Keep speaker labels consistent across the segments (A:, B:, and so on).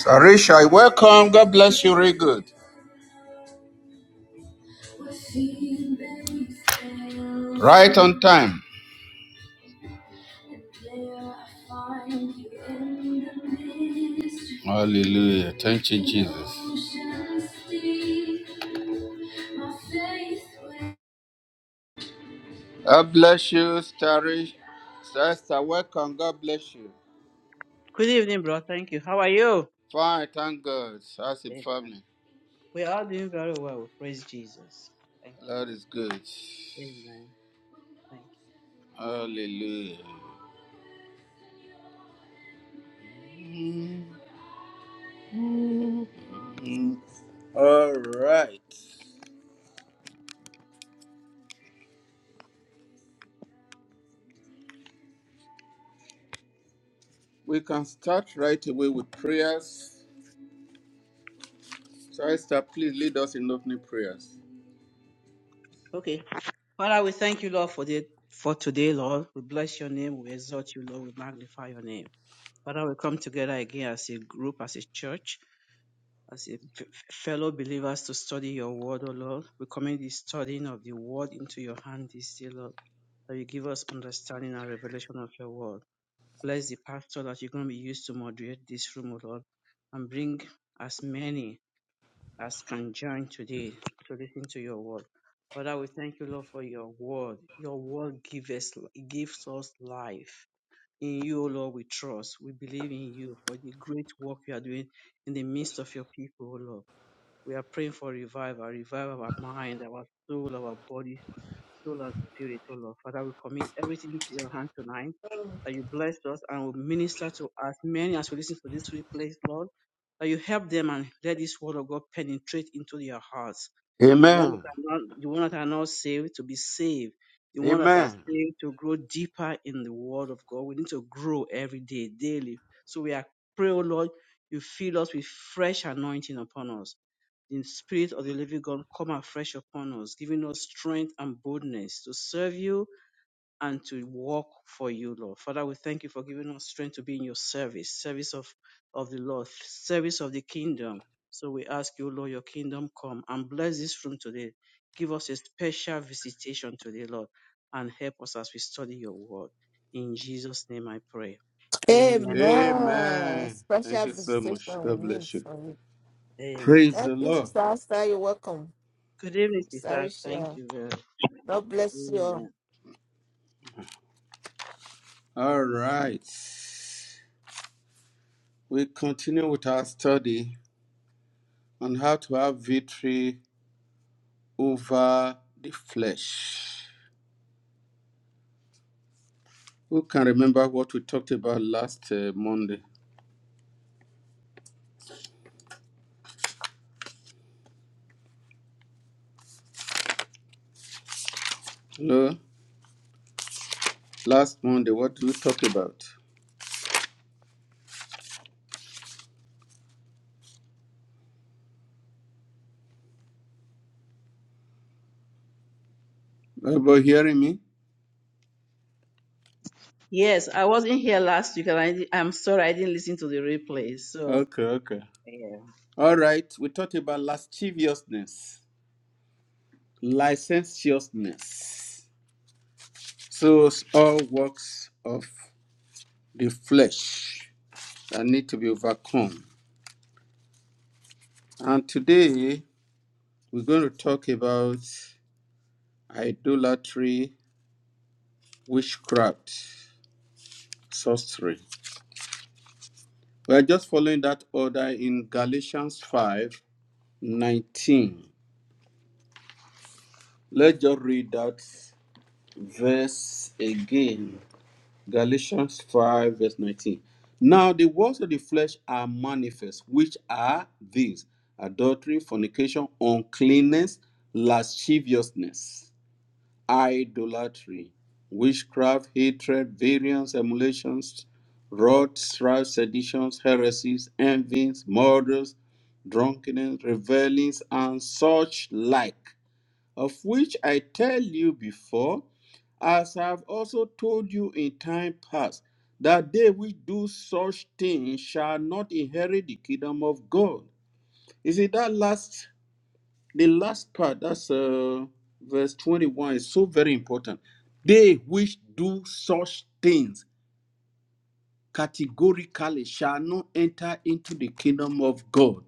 A: Sarisha, welcome. God bless you. Very good. Right on time. Hallelujah. Thank you, Jesus. God bless you, Starish. Sister, welcome. God bless you.
B: Good evening, bro. Thank you. How are you?
A: Fine, thank God. As a
B: Amen.
A: family.
B: We are doing very well. Praise Jesus. Thank you,
A: That
B: Lord.
A: is good.
B: Amen. Thank you.
A: Hallelujah. Mm. All right. We can start right away with prayers. Sister, please lead us in opening prayers.
B: Okay. Father, we thank you, Lord, for the for today, Lord. We bless your name. We exalt you, Lord. We magnify your name. Father, we come together again as a group, as a church, as a f- fellow believers to study your word, O Lord. We commend the studying of the word into your hand this day, Lord, that you give us understanding and revelation of your word. Bless the pastor that you're going to be used to moderate this room, O Lord, and bring as many as can join today to listen to your word. Father, we thank you, Lord, for your word. Your word gives us, gives us life. In you, O Lord, we trust. We believe in you for the great work you are doing in the midst of your people, O Lord. We are praying for revival, revive our mind, our soul, our body, through our spirit, oh Lord. Father, we commit everything to your hand tonight. That you bless us and will minister to as many as we listen to this replay, Lord. That you help them and let this word of God penetrate into their hearts. The ones
A: Amen.
B: that are not, the ones that are not saved to be saved. The ones that are
A: Amen.
B: saved to grow deeper in the word of God. We need to grow every day, daily. So we are pray, oh Lord, you fill us with fresh anointing upon us the Spirit of the living God come afresh upon us, giving us strength and boldness to serve you and to walk for you, Lord. Father, we thank you for giving us strength to be in your service, service of, of the Lord, service of the kingdom. So we ask you, Lord, your kingdom come and bless this room today. Give us a special visitation today, Lord, and help us as we study your word. In Jesus' name I pray. Amen.
C: Amen.
A: Amen. Thank
C: Special
A: you so much.
C: visitation we
A: God
C: need
A: bless you.
C: from you.
B: Amen.
A: Praise
C: Thank
A: the
C: you,
A: Lord.
C: Sister Asta. You're welcome.
B: Good evening, sister.
C: Sorry,
B: Thank
C: Share.
B: you very much.
C: God bless you
B: Amen.
C: all.
A: All right. We continue with our study on how to have victory over the flesh. Who can remember what we talked about last uh, Monday? Hello? Last Monday, what did we talk about? About hearing me?
B: Yes, I wasn't here last week, and I, di- I'm sorry I didn't listen to the replay. So,
A: Okay, okay.
B: yeah.
A: All right, we talked about lasciviousness, licentiousness. So it's all works of the flesh that need to be overcome. And today we're going to talk about idolatry, witchcraft, sorcery. We're just following that order in Galatians five nineteen. Let's just read that verse again. Galatians 5, verse 19. Now the works of the flesh are manifest, which are these adultery, fornication, uncleanness, lasciviousness, idolatry, witchcraft, hatred, variance, emulations, wrath, strife, seditions, heresies, envies, murders, drunkenness, revelings, and such like of which I tell you before, as I have also told you in time past, that they which do such things shall not inherit the kingdom of God. You see that last, the last part, that's uh, verse 21, is so very important. They which do such things categorically shall not enter into the kingdom of God.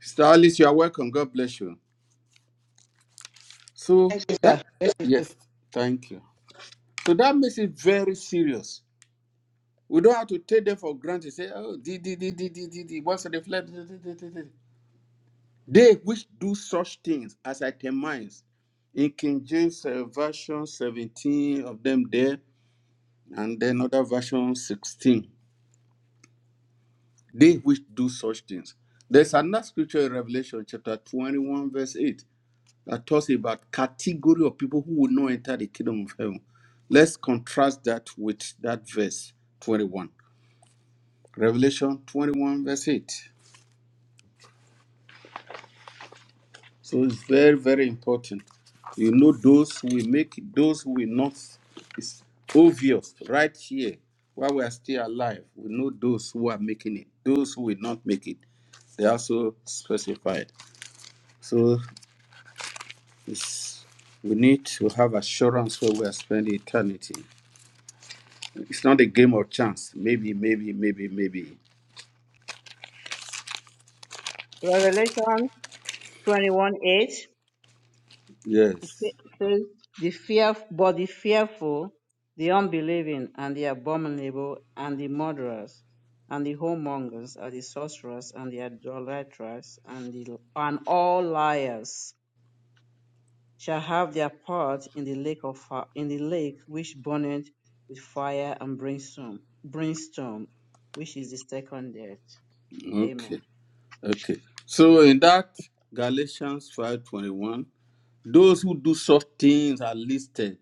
A: Sister Alice, you are welcome. God bless you. So that, yes, thank you. So that makes it very serious. We don't have to take them for granted. Say, oh, di, di, di, di, di, di, di. once they fled. di, di, di, di, di." They which do such things as I termines. In King James uh, version 17 of them there, and then other version 16. They which do such things. There's another scripture in Revelation chapter 21, verse 8, that talks about category of people who will not enter the kingdom of heaven. Let's contrast that with that verse 21. Revelation 21, verse 8. So it's very, very important. You know, those who will make it, those who will not. It's obvious right here while we are still alive. We know those who are making it, those who will not make it. They are also specified. So it's, we need to have assurance where we are spending eternity. It's not a game of chance. Maybe, maybe, maybe, maybe.
B: Revelation 21 8
A: Yes.
B: says, the fear, But the fearful, the unbelieving, and the abominable, and the murderers, and the whoremongers, and the sorcerers, and the idolaters, and, the, and all liars shall have their part in the lake of fi- in the lake which burneth with fire and brimstone, brimstone, which is the second death. Amen.
A: Okay. Okay. So in that Galatians 5:21 Those who do such things are listed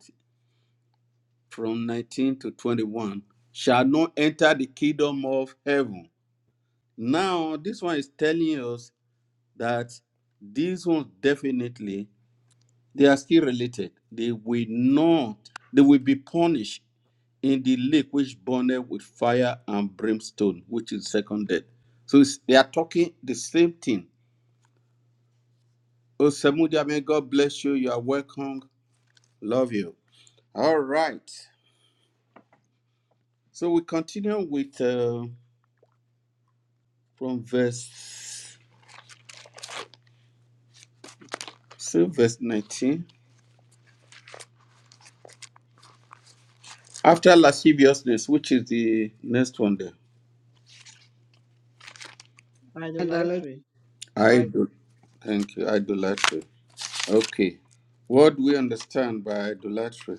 A: from 19 to 21 shall not enter the kingdom of heaven. Now, this one is telling us that these ones definitely they are still related. They will not, they will be punished in the lake which burneth with fire and brimstone, which is second death. So it's- they are talking the same thing. Oh, Samudia, may God bless you. You are welcome. Love you. All right. So we continue with uh, from verse say verse 19. After lasciviousness, which is the next one there.
D: and
B: Idolatry. Idol.
A: Idol. Thank you. Idolatry. Okay. What do we understand by idolatry?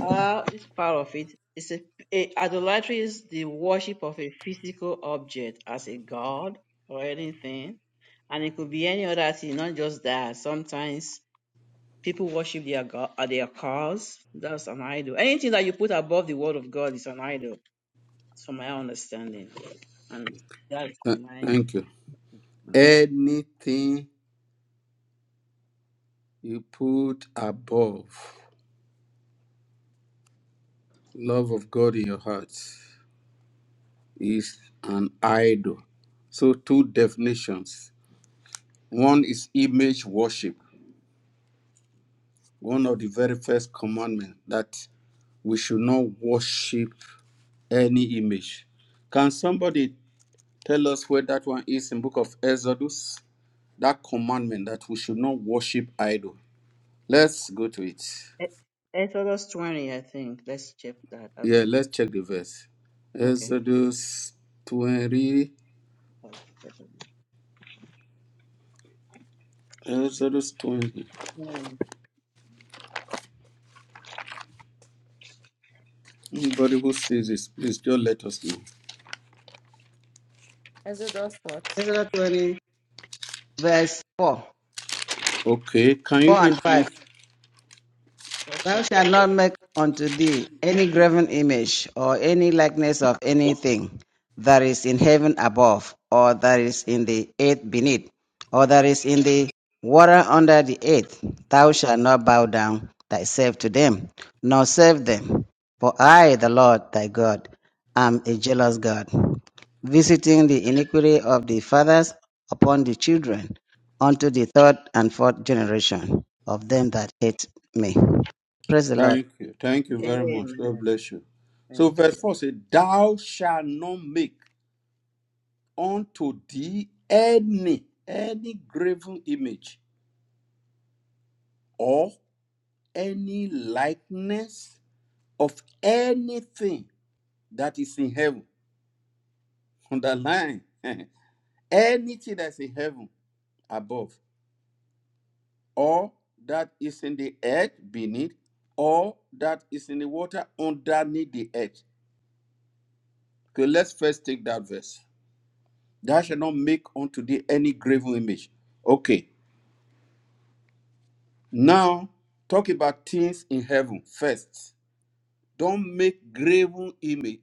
B: Ah, this part of it is a, a- idolatry is the worship of a physical object as a god or anything, and it could be any other thing, not just that. Sometimes people worship their god, their cars. That's an idol. Anything that you put above the word of God is an idol That's from my understanding. And that's
A: Th-
B: my
A: Thank you. Anything you put above love of God in your heart is an idol. So two definitions. One is image worship. one of the very first commandments that we should not worship any image. Can somebody tell us where that one is in book of Exodus? That commandment that we should not worship idol. Let's go to it.
B: E- Exodus 20, I think. Let's check that as
A: Yeah,
B: well.
A: let's check the verse.
B: Okay.
A: Exodus 20.
B: Amen.
A: Exodus 20. Anybody who sees this, please just let us know.
C: Exodus what?
D: Exodus 20, verse 4,
A: Okay, can you
D: 4
A: read,
D: and 5.
A: please?
B: Okay.
D: Thou shalt not make unto thee any graven image or any likeness of anything that is in heaven above, or that is in the earth beneath, or that is in the water under the earth. Thou shalt not bow down thyself to them, nor serve them. For I, the Lord thy God, am a jealous God, visiting the iniquity of the fathers upon the children unto the third and fourth generation of them that hate me. Praise the Lord.
A: Thank you. Thank you very much. God
B: Amen.
A: bless you. So,
B: Thank
A: verse
B: you.
A: 4 says, Thou shalt not make unto thee any, any graven image or any likeness of anything that is in heaven. Underline anything that's in heaven above, or that is in the earth beneath, or that is in the water underneath the earth. Okay, let's first take that verse. Thou shalt not make unto thee any graven image. Okay. Now talk about things in heaven first. Don't make graven image.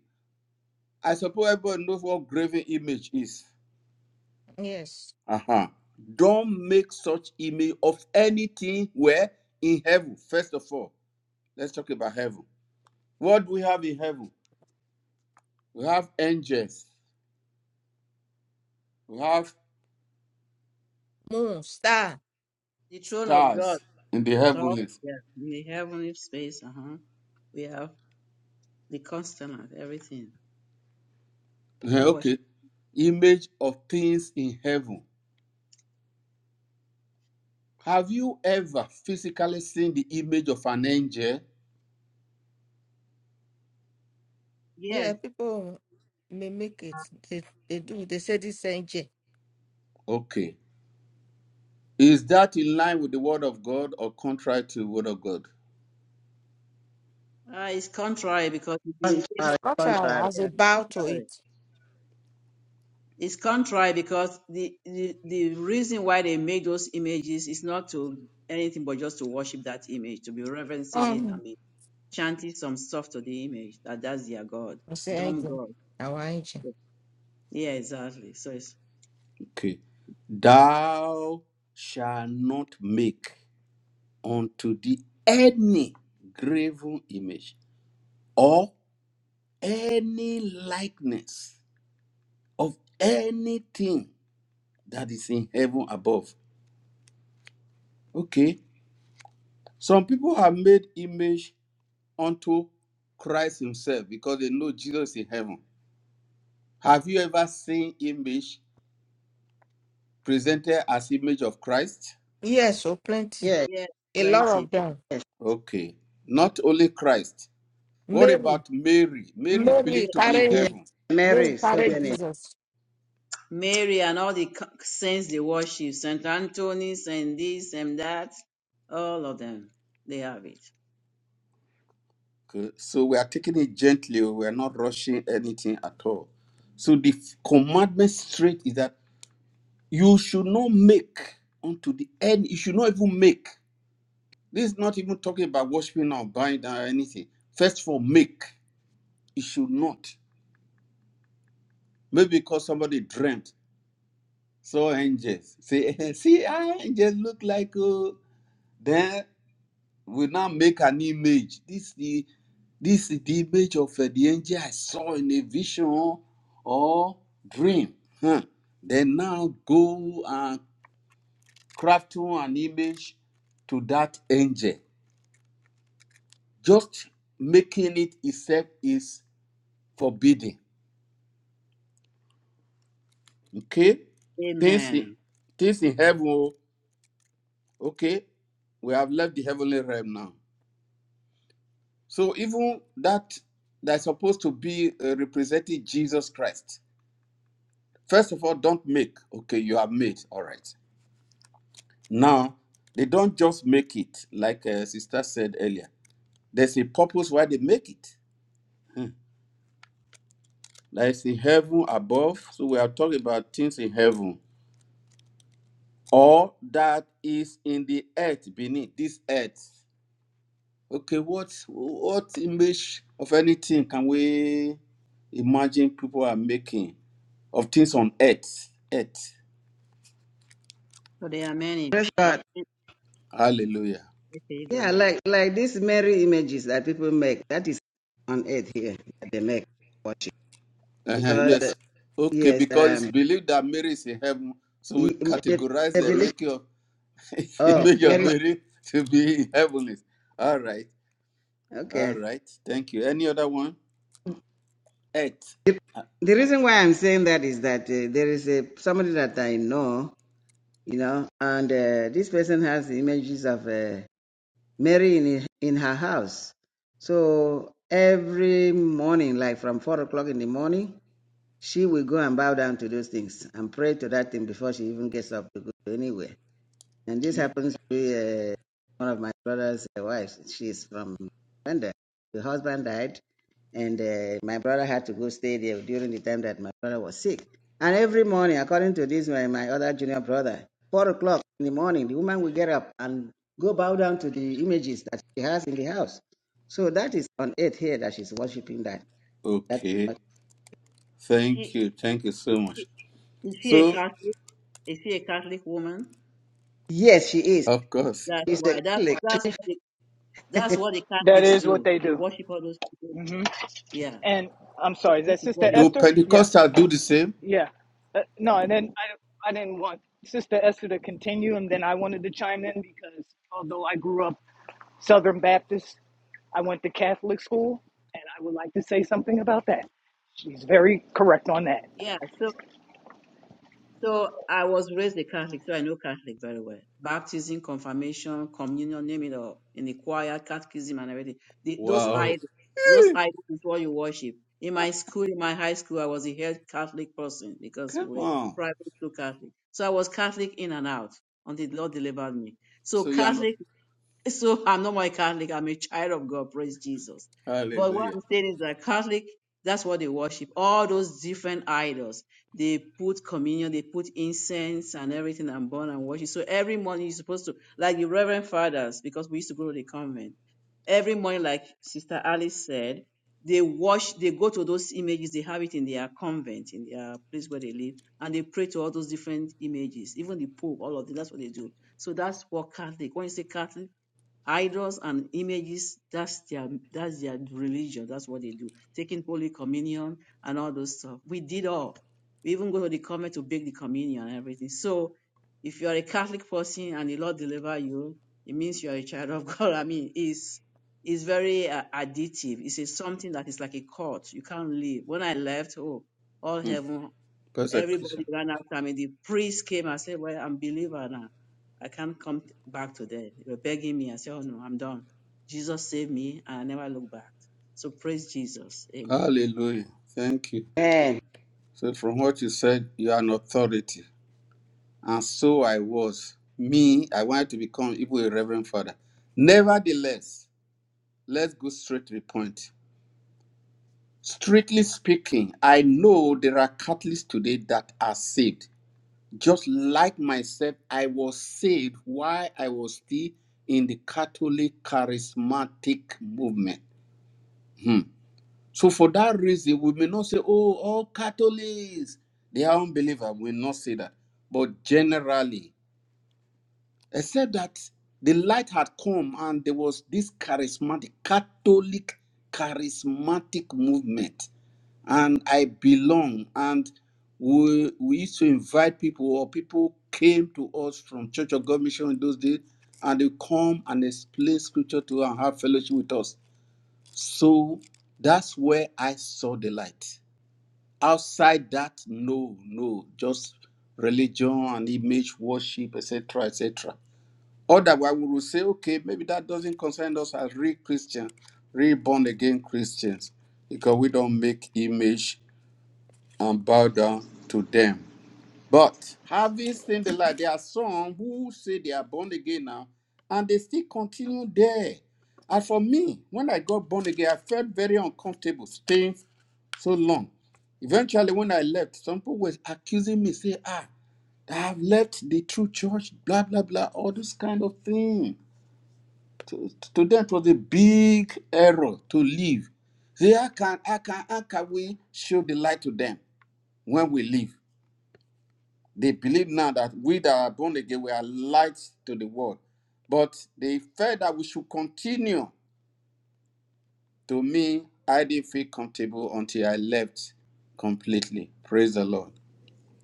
A: I suppose everybody knows what graven image is.
C: Yes.
A: Uh-huh. Don't make such image of anything where in heaven. First of all, let's talk about heaven. What do we have in heaven? We have angels. We have
C: Moon, star.
B: The throne of God.
A: stars in the
B: So,
A: heavenlies.
B: yeah, in the heavenly space, uh-huh. We have the constant, everything.
A: Eh,
B: Don't worship.
A: Okay. Image of things in heaven. Have you ever physically seen the image of an angel?
B: Yes.
C: Yeah, people may make it. They, they do. They say this angel.
A: Okay. Is that in line with the word of God or contrary to the word of God?
B: Uh, it's contrary because if you make
C: It's
D: Contrary,
C: cultural
D: contrary.
C: has a bow to
B: yeah,
C: it.
B: It's contrary because the, the the reason why they made those images is not to anything but just to worship that image, to be reverencing it and
C: Um,
B: be chanting some stuff to the image that that's their god,
C: I say
B: dumb
C: angel.
B: god.
C: Our angel.
B: Yeah, exactly. So it's
A: Okay. Thou shalt not make unto thee any graven image or any likeness of anything that is in heaven above. Okay. Some people have made image unto Christ Himself because they know Jesus is in heaven. Have you ever seen image presented as image of Christ?
C: Yes, so plenty.
D: Yeah,
B: yeah,
C: A lot
B: plenty.
C: of them.
D: yes.
A: Okay. Not only Christ. What
C: Mary.
A: about Mary? Mary is
C: Mary
A: believed to be in
C: carried
D: Yeah,
C: it.
A: heaven.
C: Mary
D: Mary, so
C: carried
D: many.
C: Jesus.
B: Mary and all the c- saints they worship, Saint Anthony, Saint this and that, all of them, they have it.
A: Okay. So we are taking it gently. We are not rushing anything at all. So the f- commandment straight is that you should not make unto the end. You should not even make. This is not even talking about worshiping or buying or anything. First of all, make. You should not. Maybe because somebody dreamt. So angels. See, see how angels look like uh, then we now make an image. This the this is the image of uh, the angel I saw in a vision or dream. Huh. Then now go and craft an image to that angel. Just making it itself is forbidden. Okay? Things in,
B: Amen.
A: things in heaven, oh. okay? We have left the heavenly realm now. So even that that's supposed to be uh, representing Jesus Christ. First of all, don't make. Okay, you have made. All right. Now they don't just make it, like uh, Sister said earlier. There's a purpose why they make it. Like in heaven above, so we are talking about things in heaven, or that is in the earth beneath this earth. Okay, what what image of anything can we imagine people are making of things on earth? Earth.
B: So there are many.
D: Praise
B: I've-
D: God.
A: Hallelujah.
B: Okay, you go
D: Yeah,
B: ahead.
D: like like these Mary images that people make. That is on earth here that they make worship
A: Uh-huh,
D: because uh,
A: yes. Okay,
D: yes,
A: because it's
D: um,
A: believed that Mary is in heaven, so we
D: the,
A: categorize
D: the
A: the
D: belief.
A: making of
D: Oh,
A: image of
D: Mary.
A: Mary to be in heavenly. All right. All
D: Okay.
A: right. Thank you. Any other one? Earth.
D: The,
A: Uh,
D: the reason why I'm saying that is that uh, there is a somebody that I know, you know, and uh, this person has images of. uh, Mary in, in her house. So every morning, like from four o'clock in the morning, she will go and bow down to those things and pray to that thing before she even gets up to go anywhere. And this
A: hmm?
D: happens to be uh, one of my brother's uh, wives. She's from Rwanda. The husband died, and uh, my brother had to go stay there during the time that my brother was sick. And every morning, according to this, my, my other junior brother, four o'clock in the morning, the woman will get up and go bow down to the images that she has in the house. So that is on earth here that she's worshiping that. that
A: Okay.
B: Is
A: Thank you. Thank you so
B: she?
A: much.
B: Is she a
A: So,
B: Catholic? Is she a Catholic woman?
D: yes, she is.
A: of course,
B: That's
D: She's a
B: why. That's that's
D: Catholic.
B: what the, that's what the
E: That
B: Catholics
E: is what
B: do.
E: they
B: They
E: do.
B: worship all those people.
E: hmm
B: Yeah,
E: And I'm sorry, is
B: this
E: that
B: is what
E: Sister
B: they
A: do
E: Esther?
B: worship.
E: Yeah,
A: Pentecostals do the same?
E: yeah. Uh, no, and then I, I didn't want Sister Esther to continue, and then I wanted to chime in because although I grew up Southern Baptist, I went to Catholic school, and I would like to say something about that. She's very correct on that.
B: Yeah. So so I was raised a Catholic, so I know Catholic very well. Baptism, confirmation, communion, name it all. In the choir, catechism, and everything. The, those
A: Wow.
B: idols, those idols is what you worship. In my school, in my high school, I was a head Catholic person because
A: Come
B: we're
A: on.
B: private school Catholic. So I was Catholic in and out until the Lord delivered me. So
A: So you are not.
B: Catholic So I'm not my Catholic. I'm a child of God. Praise Jesus. But what
A: Hallelujah.
B: I'm saying is that Catholic, that's what they worship. All those different idols. They put communion, they put incense and everything and burn and worship. So every morning you're supposed to, like the Reverend Fathers, because we used to go to the convent. Every morning, like Sister Alice said, they wash, they go to those images, they have it in their convent, in their place where they live, and they pray to all those different images, even the Pope, all of them. That's what they do. So that's what Catholic. When you say Catholic, Idols and images, that's their that's their religion. That's what they do. Taking Holy Communion and all those stuff. We did all. We even go to the convent to bake the communion and everything. So if you are a Catholic person and the Lord deliver you, it means you are a child of God. I mean, it's it's very uh, addictive. It's a, something that is like a cult. You can't leave. When I left, oh, all
A: Mm.
B: heaven Everybody
A: Persecution.
B: ran after me. The priest came. I said, Well, I'm believer now. I can't come t- back to them. They were begging me. I said, Oh no, I'm done. Jesus saved me and I never look back. So praise Jesus. Amen.
A: Hallelujah. Thank you.
D: Man,
A: So from what you said, you are an authority. And so I was. Me, I wanted to become even a reverend father. Nevertheless, let's go straight to the point. Strictly speaking, I know there are Catholics today that are saved. Just like myself, I was saved while I was still in the Catholic charismatic movement. Hmm. So for that reason, we may not say, oh, all Catholics, they are unbelievers. We will not say that. But generally, except that the light had come and there was this charismatic, Catholic charismatic movement and I belong. And we we used to invite people, or people came to us from Church of God Mission in those days, and they come and explain scripture to us and have fellowship with us. So that's where I saw the light. Outside that, no, no, just religion and image worship, etc., etc. Otherwise, we will say, okay, maybe that doesn't concern us as real Christians, real born again Christians, because we don't make image and bow down to them. But having seen the light, there are some who say they are born again now, and they still continue there. And for me, when I got born again, I felt very uncomfortable staying so long. Eventually, when I left, some people were accusing me, say, ah, I have left the true church, blah, blah, blah, all this kind of thing. To, to them, it was a big error to leave. They, how can, how can, how can we show the light to them when we leave? They believe now that we that are born again, we are light to the world. But they felt that we should continue. To me, I didn't feel comfortable until I left completely. Praise the Lord.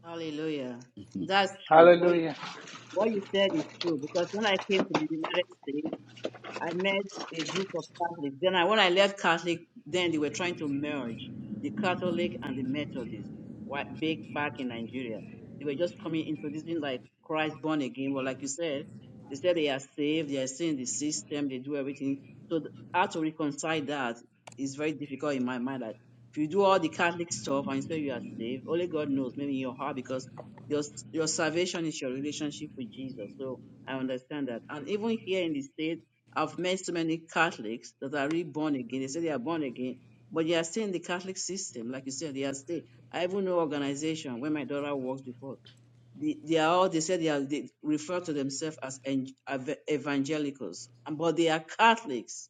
B: Hallelujah. That's true. What you,
E: Hallelujah.
B: what you said is true because when I came to the United States, I met a group of Catholics. Then I, when I left Catholic, then they were trying to merge the Catholic and the Methodist whi- back back in Nigeria. They were just coming, introducing like Christ born again. Well, like you said, they said they are saved, they are seeing the system, they do everything. So th- how to reconcile that is very difficult in my mind. That if you do all the Catholic stuff and you say you are saved, only God knows, maybe in your heart, because your s- your salvation is your relationship with Jesus. So I understand that. And even here in the states. I've met so many Catholics that are reborn again. They say they are born again, but they are still in the Catholic system. Like you said, they are still. I even know organization where my daughter worked before. They, they are all, they said they are, they refer to themselves as en- ev- evangelicals, and- but they are Catholics.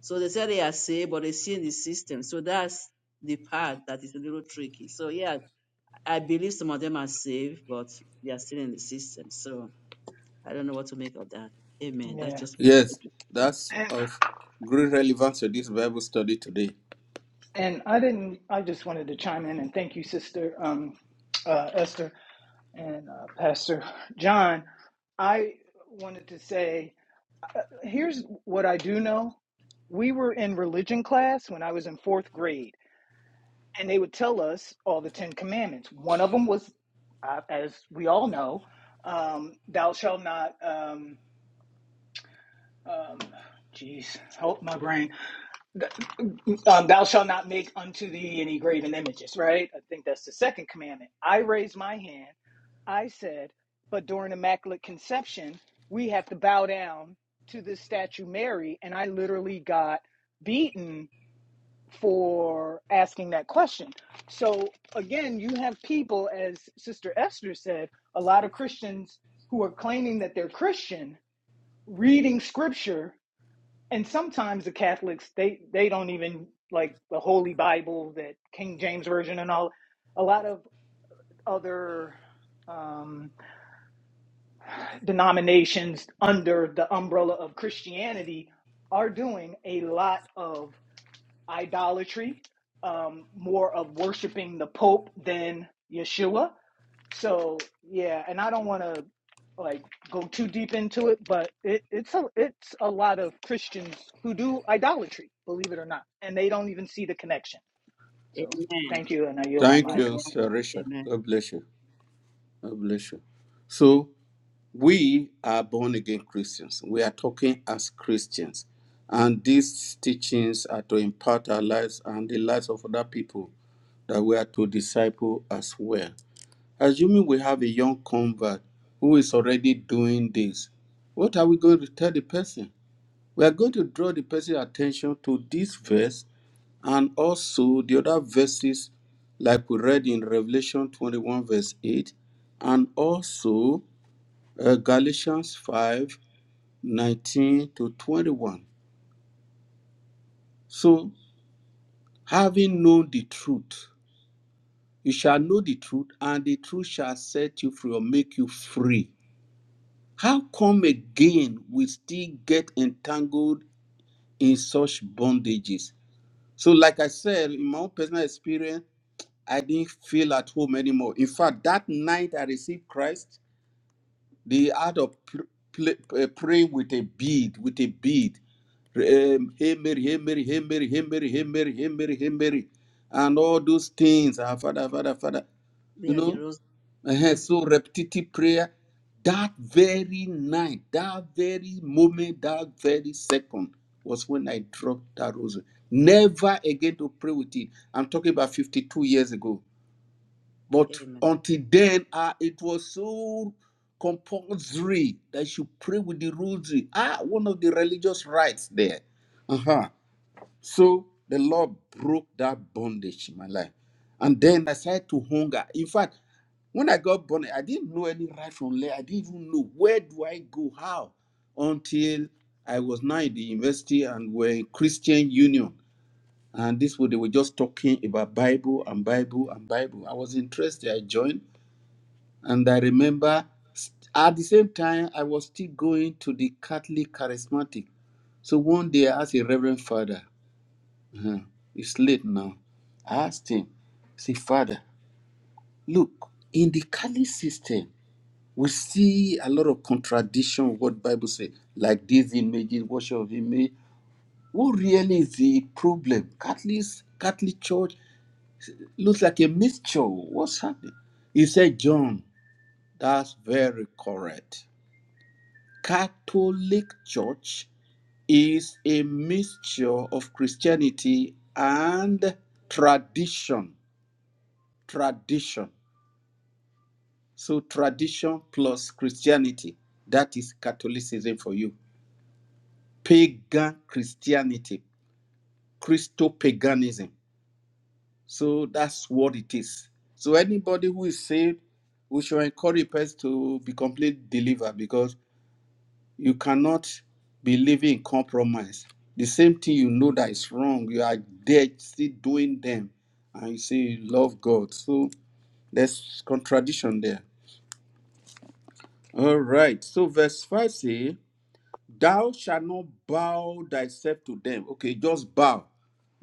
B: So they say they are saved, but they see in the system. So that's the part that is a little tricky. So yeah, I believe some of them are saved, but they are still in the system. So I don't know what to make of that. Amen. That's
E: Yeah.
B: just my
A: Yes,
B: contribution.
A: that's
E: And,
A: of great relevance to this Bible study today.
E: and I didn't, I just wanted to chime in and thank you, Sister um, uh, Esther. and uh, Pastor John, I wanted to say uh, here's what I do know. We were in religion class when I was in fourth grade, and they would tell us all the Ten Commandments. One of them was, uh, as we all know, um, thou shalt not. Um, um, geez, help my brain. um, thou shalt not make unto thee any graven images, right? I think that's the second commandment. I raised my hand. I said, but during Immaculate Conception, we have to bow down to this statue Mary. And I literally got beaten for asking that question. So again, you have people, as Sister Esther said, a lot of Christians who are claiming that they're Christian reading scripture and sometimes the Catholics they they don't even like the Holy Bible, that King James version, and all. A lot of other um, denominations under the umbrella of Christianity are doing a lot of idolatry, um, more of worshiping the Pope than Yeshua so yeah, and I don't want to like go too deep into it, but it, it's a it's a lot of Christians who do idolatry, believe it or not, and they don't even see the connection. So
B: Amen.
E: thank you, and I yield my
B: We
A: Thank
B: are
E: mic.
A: you,
B: brothers.
A: Sister Rachel.
B: Amen.
A: God bless you. God bless you. So. we are born again Christians. We are talking as Christians. And these teachings are to impart our lives and the lives of other people that we are to disciple as well. Assuming we have a young convert who is already doing this, what are we going to tell the person? We are going to draw the person's attention to this verse and also the other verses like we read in Revelation 21, verse 8, and also uh, Galatians 5 19 to 21. So, having known the truth, you shall know the truth, and the truth shall set you free or make you free. How come again we still get entangled in such bondages? So, like I said, in my own personal experience, I didn't feel at home anymore. In fact, that night I received Christ, the art of pl- pl- uh, praying with a bead, with a bead. Um, hey Mary, hey Mary, hey Mary, hey Mary, hey Mary, hey Mary, hey Mary, and all those things. Ah, Father, Father, Father.
B: We
A: You
B: are the
A: know,
B: rose.
A: uh so repetitive prayer. That very night, that very moment, that very second was when I dropped that rosary. Never again to pray with it. I'm talking about 52 years ago. But
B: Amen.
A: until then, ah, it was so compulsory that you pray with the rosary. Ah, one of the religious rites there. Uh-huh. So the Lord broke that bondage in my life. And then I started to hunger. In fact, when I got born, I didn't know any right from left. I didn't even know where do I go, how, until I was now in the university and we're in Christian Union. And this was they were just talking about Bible and Bible and Bible. I was interested. I joined and I remember s- at the same time, I was still going to the Catholic Charismatic. So one day I asked a Reverend Father, uh, it's late now. I asked him, say, Father, look, in the Catholic system, we see a lot of contradiction with what Bible says, like these images, worship of image. What really is the problem? Catholics, Catholic Church looks like a mixture. What's happening? He said, John, that's very correct. Catholic Church is a mixture of Christianity and tradition. Tradition. So, tradition plus Christianity. That is Catholicism for you. Pagan Christianity, Christo paganism. So, that's what it is. So, anybody who is saved, we should encourage person to be complete believer because You cannot be living in compromise. The same thing you know that is wrong, you are there still doing them, and you say you love God. So there's contradiction there. All right. So verse 5 say, Thou shalt not bow thyself to them. Okay, just bow.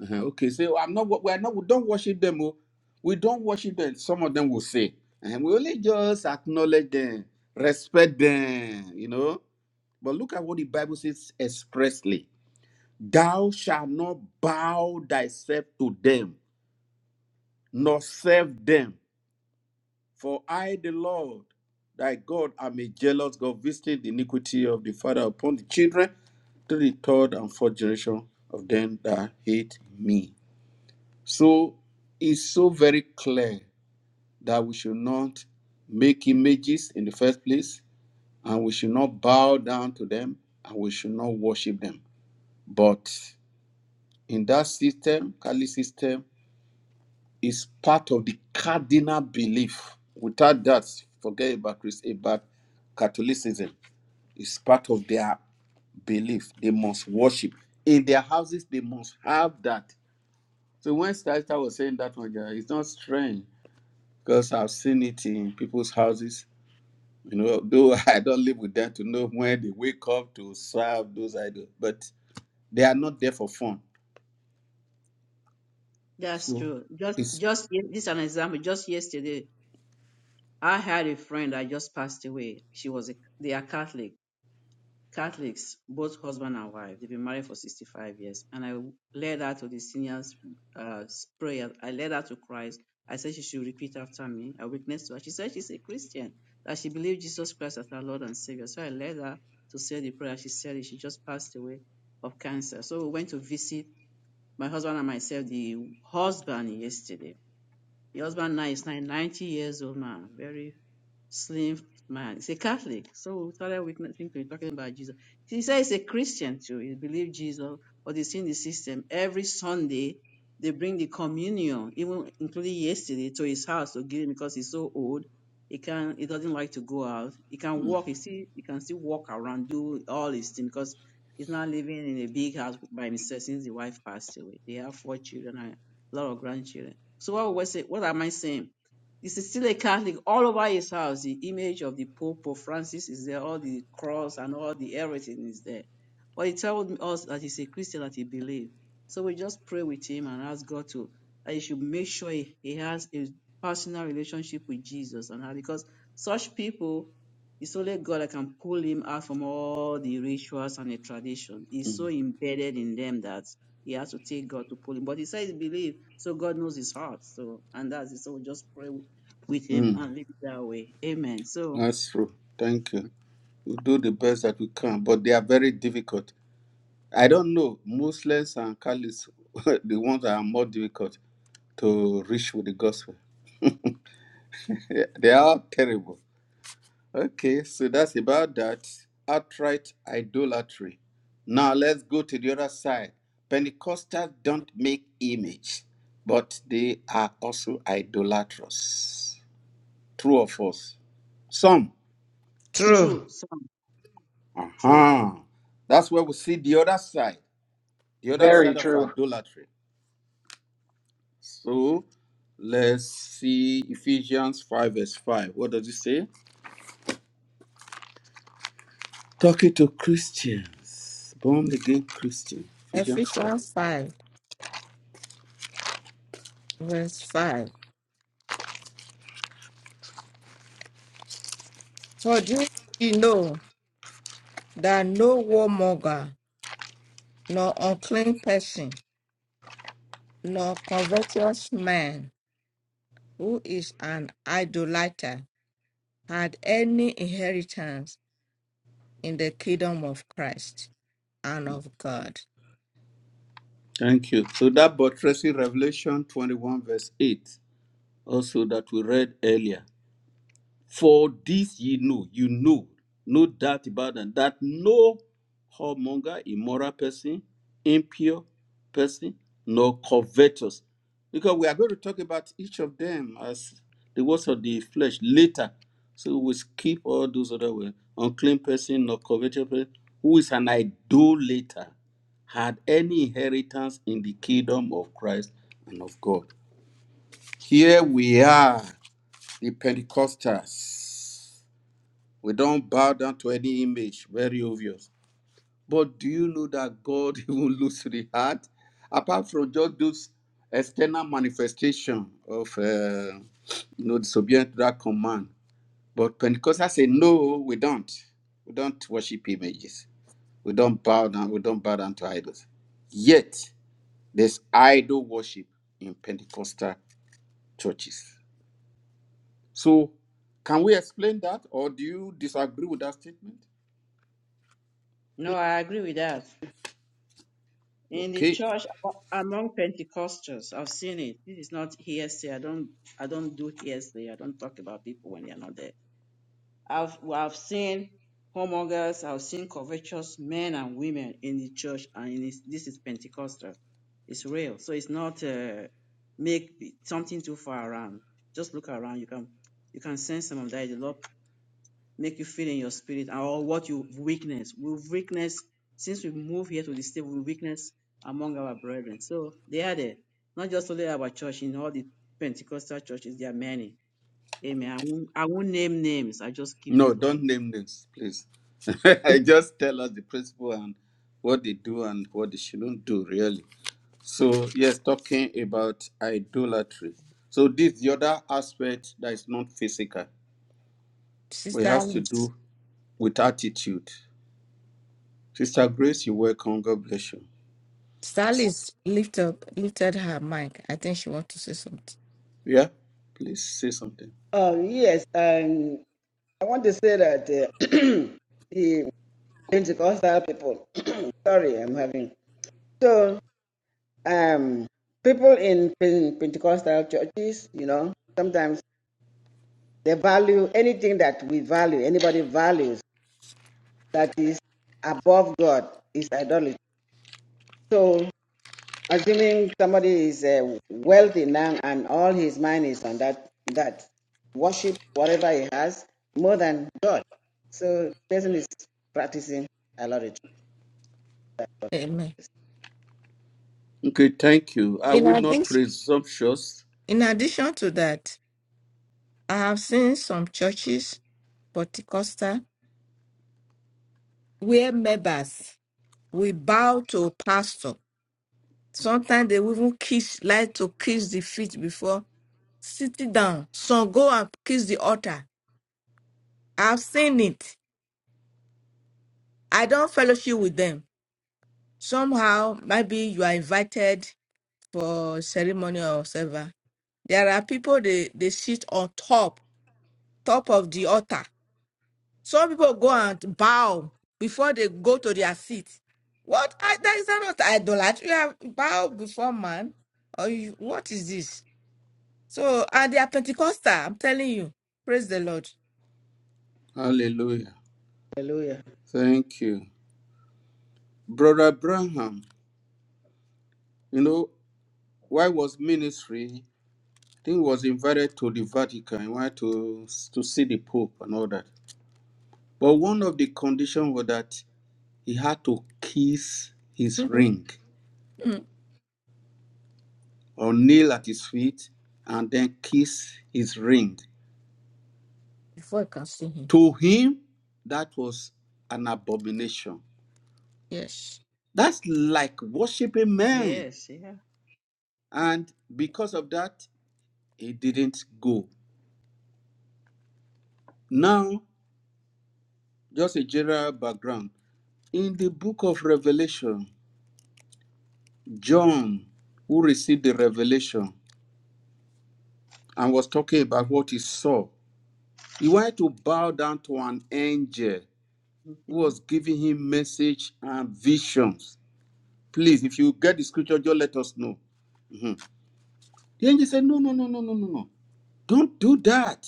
A: Uh-huh. Okay, say, "Oh, I'm not we are not we don't worship them. oh. We don't worship them. Some of them will say. And we only just acknowledge them, respect them, you know. But look at what the Bible says expressly. Thou shalt not bow thyself to them, nor serve them. For I, the Lord, thy God, am a jealous God, visiting the iniquity of the father upon the children to the third and fourth generation of them that hate me. So it's so very clear that we should not make images in the first place, and we should not bow down to them, and we should not worship them. But in that system, Kali system, is part of the cardinal belief. Without that, forget about Christ, about Catholicism. It's part of their belief. They must worship. In their houses, they must have that. So when Sister was saying that one, yeah, it's not strange because I've seen it in people's houses. You know, though I don't live with them to know when they wake up to serve those idols, but they are not there for fun.
B: That's
A: So
B: true. Just,
A: it's
B: just ye- this is an example. Just yesterday, I had a friend that just passed away. She was a, they are Catholic, Catholics, both husband and wife. They've been married for 65 years. And I led her to the seniors' uh, s- prayer. I led her to Christ. I said she should repeat after me. I witnessed to her. She said she's a Christian, that she believed Jesus Christ as her Lord and Savior. So I led her to say the prayer. She said it. She just passed away of cancer. So we went to visit my husband and myself the husband yesterday. The husband now is nine- 90 years old man, very slim man. He's a Catholic. So we started witnessing to him talking about Jesus. He said he's a Christian too. He believes Jesus, but he's in the system. Every Sunday, they bring the communion, even including yesterday, to his house to give him because he's so old. He can he doesn't like to go out. He can walk, he see he can still walk around, do all his things because he's not living in a big house by himself since the wife passed away. They have four children and a lot of grandchildren. So what was it? What am I saying? It's still a Catholic. All over his house, the image of the Pope, Pope Francis is there, all the cross and all the everything is there. But he told us that he's a Christian that he believes. So we just pray with him and ask God to that he should make sure he, he has a personal relationship with Jesus and how because such people it's only God that can pull him out from all the rituals and the tradition. He's so
A: mm,
B: embedded in them that he has to take God to pull him. But he says he believe, so God knows his heart. So and that's it. So we just pray with him
A: mm,
B: and live that way. Amen. So
A: that's true. Thank you. we do the best that we can, but they are very difficult. I don't know, Muslims and Catholics, the ones that are more difficult to reach with the gospel. They they are terrible. Okay, so that's about that. Outright idolatry. Now let's go to the other side. Pentecostals don't make image, but they are also idolatrous. True or false? Some.
C: True.
D: true.
B: true, son, true.
A: Uh-huh. That's where we see the other side, the other
E: Very
A: side of
E: true.
A: idolatry. So let's see Ephesians 5, verse 5. What does it say? Talking to Christians, born again Christian. Ephesians 5.
C: Ephesians 5, verse 5. For this ye know that no warmonger, nor unclean person, nor covetous man, who is an idolater, had any inheritance in the kingdom of Christ and of God.
A: Thank you. So that buttressing Revelation 21, verse 8, also that we read earlier. For this ye know, you know, no doubt about it, that no whoremonger, immoral person, impure person, nor covetous. Because we are going to talk about each of them as the works of the flesh later. So we skip all those other words. Unclean person, nor covetous person, who is an idolater, had any inheritance in the kingdom of Christ and of God. Here we are, the Pentecostals. We don't bow down to any image, very obvious. But do you know that God even looks to the heart? Apart from just those external manifestation of uh, you know disobedience to that command. But Pentecostals say, no, we don't. We don't worship images. We don't bow down. We don't bow down to idols. Yet there's idol worship in Pentecostal churches. So can we explain that, or do you disagree with that statement?
B: No, I agree with that. In the
A: Okay.
B: church among Pentecostals, I've seen it. This is not hearsay. I don't I don't do hearsay. I don't talk about people when they're not there. I've well, I've seen homongers, I've seen covetous men and women in the church, and in this, this is Pentecostal. It's real. So it's not uh, make something too far around. Just look around. You can you can sense some of that. The Lord. make you feel in your spirit or what you weakness. We weakness since we move here to the state, we weakness among our brethren. So they are there. Not just only our church, in all the Pentecostal churches, there are many. Amen. I won't, I won't name names. I just keep it
A: No,
B: like
A: don't
B: that.
A: name names, please. I just tell us the principle and what they do and what they shouldn't do, really. So, yes, talking about idolatry. So, this the other aspect that is not physical, but it
C: Sister
A: has to
C: Alice.
A: do with attitude. Sister Grace, you're welcome. God bless you.
C: Sister Alice lift up, lifted her mic. I think she wants to say something.
A: Yeah, please say something.
D: Oh yes, Um, I want to say that uh, the Pentecostal people, sorry, I'm having so um people in Pentecostal churches, you know, sometimes they value anything that we value, anybody values that is above God is idolatry. So, assuming somebody is uh, wealthy now and all his mind is on that that worship whatever he has more than God, so the person is practicing idolatry.
C: Amen.
A: Okay, thank you. I
C: In
A: will not
C: addition,
A: presumptuous.
C: in addition to that, I have seen some churches, Pentecostal, where members will bow to pastor. Sometimes they will even kiss, like to kiss the feet before sitting down. Some go and kiss the altar. I've seen it. I don't fellowship with them. somehow maybe you are invited for ceremony or whatever. There are people they, they sit on top, top of the altar. Some people go and bow before they go to their seat. What I, that is not idolatry. You have bow before man. Or you, what is this? So and they are Pentecostal, I'm telling you. Praise the Lord.
A: Hallelujah.
D: Hallelujah.
A: Thank you. Brother Abraham, you know, why was ministry? think he was invited to the Vatican. He wanted to to see the Pope and all that. But one of the conditions was that he had to kiss his
C: Mhm.
A: ring
C: Mm.
A: or kneel at his feet and then kiss his ring.
C: before I can see him.
A: To him, that was an abomination.
C: Yes.
A: That's like worshiping man.
B: Yes, yeah.
A: And because of that, he didn't go. Now, just a general background. In the book of Revelation, John, who received the revelation and was talking about what he saw, he wanted to bow down to an angel who
B: hmm
A: was giving him message and visions. Please, if you get the scripture, just let us know. Mhm. The angel said, No, no, no, no, no, no, no. Don't do that.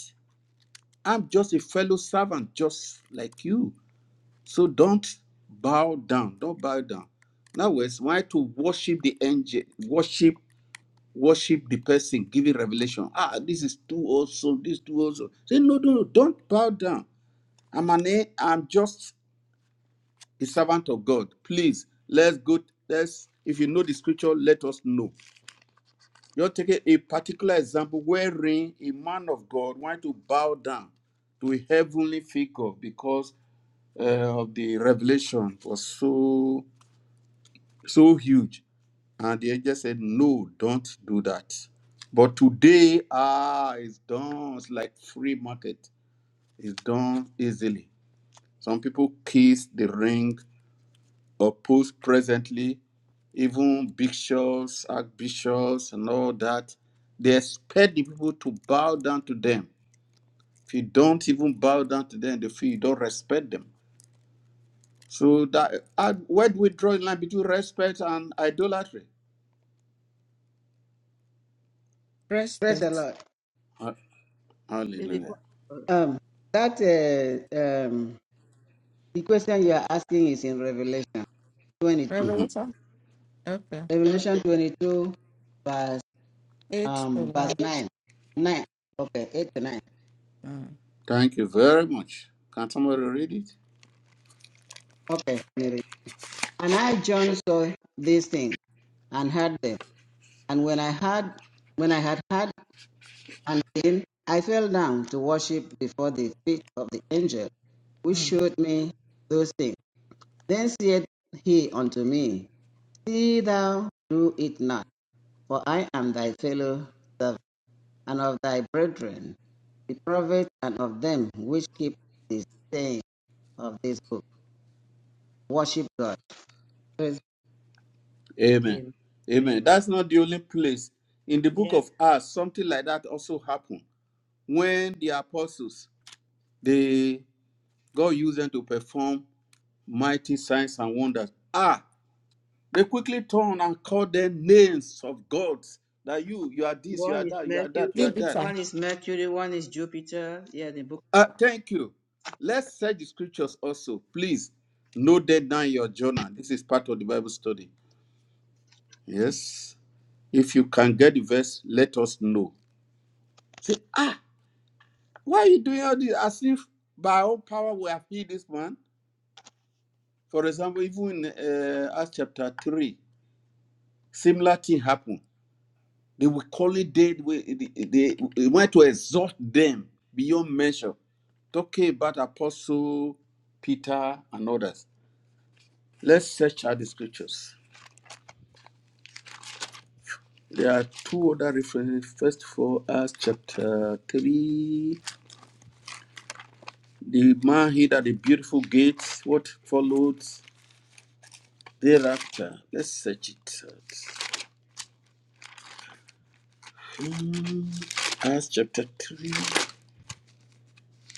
A: I'm just a fellow servant, just like you. So don't bow down. Don't bow down. Now, words, why to worship the angel, worship worship the person giving revelation. Ah, this is too awesome. This is too awesome. Say no, no, no. Don't bow down. I'm an a- I'm just a servant of God. Please, let's go. Let's. If you know the scripture, let us know. You're taking a particular example wherein a man of God wanted to bow down to a heavenly figure because uh, of the revelation was so so huge And the angel said, No, don't do that. But today, ah, it's done. It's like free market. It's done easily. Some people kiss the ring or post presently, even bishops, archbishops, and all that. They expect the people to bow down to them. If you don't even bow down to them, they feel you don't respect them. So that and where do we draw the line between respect and idolatry?
D: Praise the
C: Respect.
D: Lord.
A: Ha-
B: It's because,
A: Hallelujah.
B: oh,
D: Um, that uh, um, the question you are asking is in Revelation 22.
A: Mhm.
C: Revelation. Okay.
D: Revelation 22, verse
C: Eight to
D: um, verse
C: nine.
D: nine, nine. Okay, eight to nine.
C: Mm.
A: Thank you very much. Can somebody read it?
D: Okay. And I John saw these things and heard them. And when I had when I had heard and seen, I fell down to worship before the feet of the angel which
C: mm.
D: showed me those things. Then said he unto me, See thou do it not, for I am thy fellow servant, and of thy brethren, the prophets, and of them which keep the saying of this book. Worship God. Praise,
A: Amen.
B: amen.
A: Amen.
B: amen.
A: That's not the only place. In the book
B: Yeah.
A: of Acts, something like that also happened when the apostles, they God used them to perform mighty signs and wonders. Ah, they quickly turned and called them names of gods. That you, you are this, you
B: One
A: are
B: is
A: that, you are
B: Mercury,
A: that, you are that.
C: Jupiter.
B: one is Mercury, one is Jupiter. Yeah, the book
A: Ah, thank you. Let's search the scriptures also, please. Note that down in your journal. This is part of the Bible study. Yes. If you can get the verse, let us know. Say, ah, why are you doing all this? As if by our power we have healed this man. For example, even in uh, Acts chapter 3, similar thing happened. They were calling dead, we- they, they, they went to exhort them beyond measure. Talking about Apostle Peter and others. Let's search out the scriptures. There are two other references. First for Acts chapter 3. The man hid at the beautiful gate. What followed thereafter? Let's search it out. Hmm, Acts chapter 3.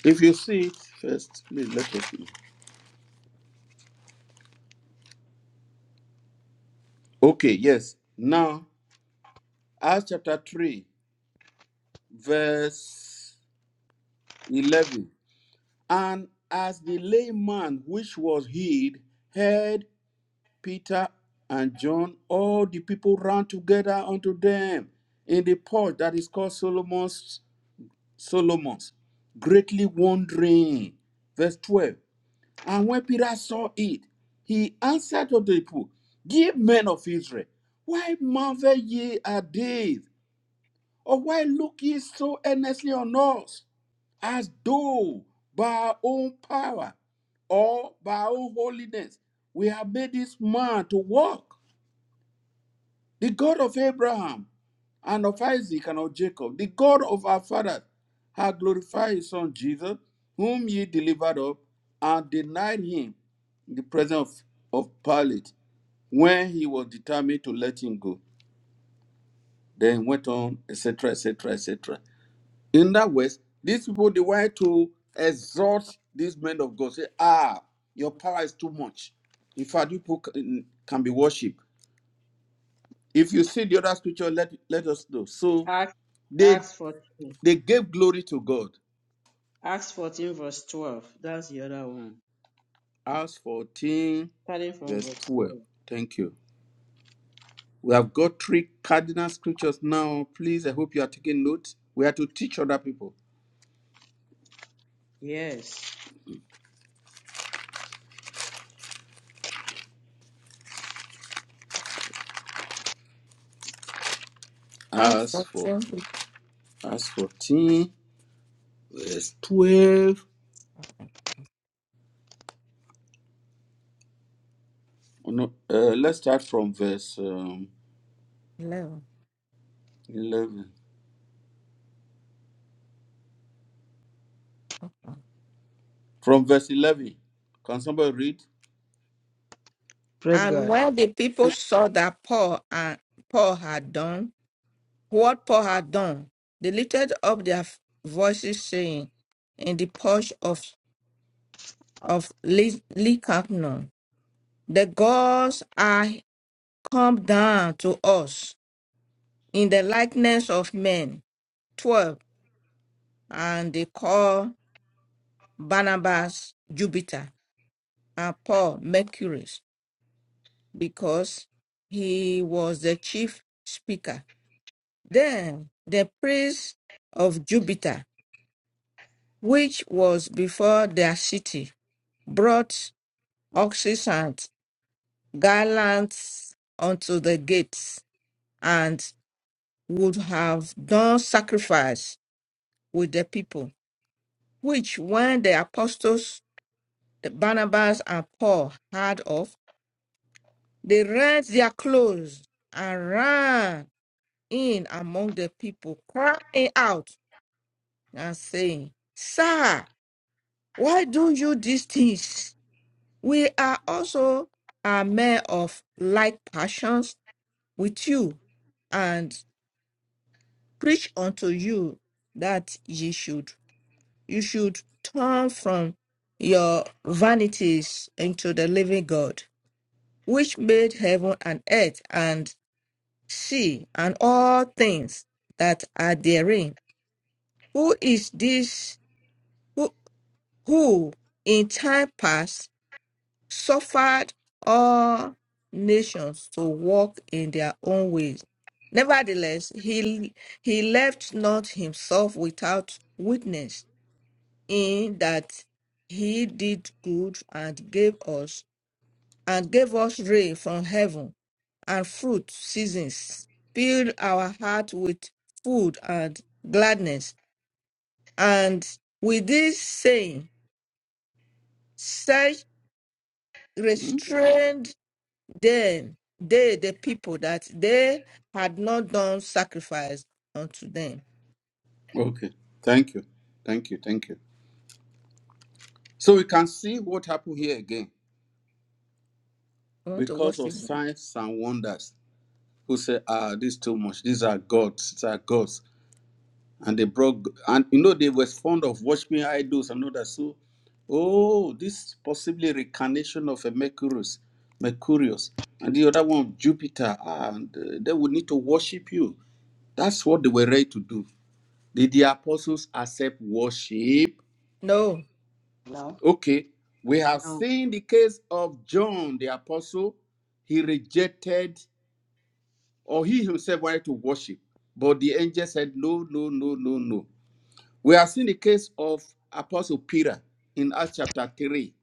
A: If you see it first, please let us know. Okay, yes. Now, Acts chapter 3, verse 11. And as the layman which was hid heard Peter and John, all the people ran together unto them in the porch that is called Solomon's Solomon's, greatly wondering. Verse 12. And when Peter saw it, he answered to the people, Ye men of Israel, why marvel ye at this? Or why look ye so earnestly on us, as though by our own power or by our own holiness we have made this man to walk? the God of Abraham and of Isaac and of Jacob, the God of our fathers, hath glorified his son Jesus, whom ye delivered up and denied him in the presence of, of Pilate when he was determined to let him go. Then went on, etc., etc., etc. In that way, these people they wanted to exhort these men of God, say, Ah, your power is too much. In fact, you people can can be worshipped. If you see the other scripture, let, let us know. So
B: Acts,
A: They
B: Acts 14,
A: they gave glory to God.
B: Acts 14 verse 12. That's the other one.
A: Acts 14,
B: starting from
A: verse
B: verse
A: 12.
B: four.
A: Thank you. We have got three cardinal scriptures now. Please, I hope you are taking notes. We are to teach other people.
B: Yes.
C: Acts
A: As for
C: 14,
A: as 14, verse 12. Oh, no, uh, let's start from verse um,
C: eleven.
A: 11. From verse 11. Can somebody read?
D: praise
C: And
D: God.
C: when the people saw that Paul and Paul had done what Paul had done, they lifted up their voices, saying, In the porch of of Ly- Lycaonon, the gods are come down to us in the likeness of men. Twelve, and they call Barnabas Jupiter and Paul Mercury, because he was the chief speaker. Then the priest of Jupiter, which was before their city, brought oxen and garlands unto the gates, and would have done sacrifice with the people, which when the apostles, the Barnabas and Paul, heard of, they rent their clothes and ran in among the people, crying out and saying, Sir! Why don't you these things? We are also a men of like passions with you, and preach unto you that ye should you should turn from your vanities into the living God, which made heaven and earth and sea and all things that are therein. Who is this who, who in time past suffered all nations to walk in their own ways. Nevertheless, he, he left not himself without witness in that he did good and gave us and gave us rain from heaven and fruit seasons, filled our heart with food and gladness. And with this saying, such
A: Hmm?
C: restrained Then they, the people that they had not done sacrifice unto them.
A: Okay. Thank you. Thank you. Thank you. So we can see what happened here again
C: I want to
A: because
C: watch the
A: of
C: movie.
A: signs and wonders. who said, "Ah, this is too much. These are gods. These are gods." And they brought, and you know, they were fond of worshiping idols and all that. So, oh, this possibly reincarnation of a Mercurius, Mercurius, and the other one of Jupiter, and uh, they would need to worship you. That's what they were ready to do. Did the apostles accept worship?
C: No,
D: Now,
A: Okay, we have
B: Now,
A: seen the case of John the apostle. He rejected or he himself wanted to worship, but the angel said, No, no, no, no, no. We have seen the case of Apostle Peter in Acts chapter 3,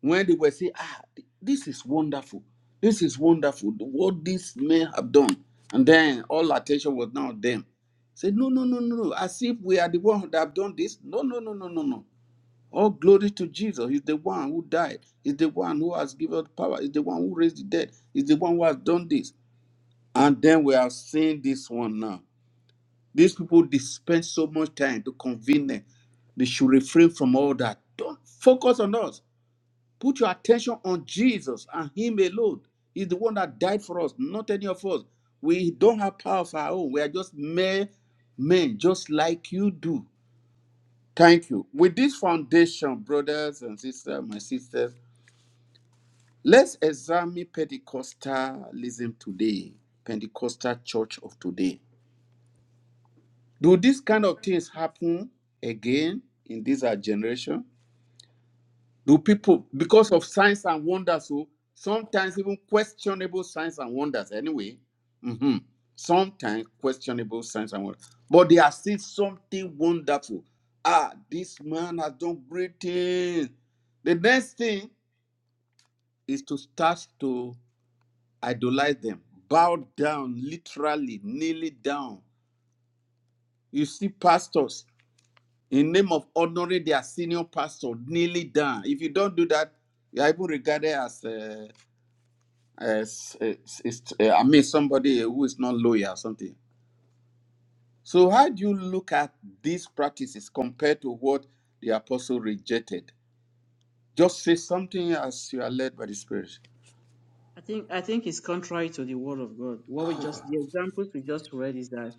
A: when they were saying, Ah, this is wonderful. This is wonderful. What these men have done. And then all attention was now on them. Say, no, no, no, no, no. As if we are the one that have done this. No, no, no, no, no, no. All glory to Jesus. He's the one who died. He's the one who has given us power. He's the one who raised the dead. He's the one who has done this. And then we have seen this one now. These people they spend so much time to convene them. They should refrain from all that. Don't focus on us. Put your attention on Jesus and Him alone. He's the one that died for us, not any of us. We don't have power of our own. We are just mere men, just like you do. Thank you. With this foundation, brothers and sisters, my sisters, let's examine Pentecostalism today, Pentecostal church of today. Do these kind of things happen again in this our generation? Do people, because of signs and wonders, so sometimes even questionable signs and wonders, anyway, mhm, sometimes questionable signs and wonders, but they are still something wonderful. Ah, this man has done great things. The next thing is to start to idolize them, bow down, literally, kneeling down. You see pastors in name of honoring their senior pastor nearly down if you don't do that you are even regarded as, uh, as, as- as- uh, i mean somebody who is not loyal or something so how do you look at these practices compared to what the apostle rejected just say something as you are led by the spirit
B: I think I think it's contrary to the word of God. What we just the examples we just read is that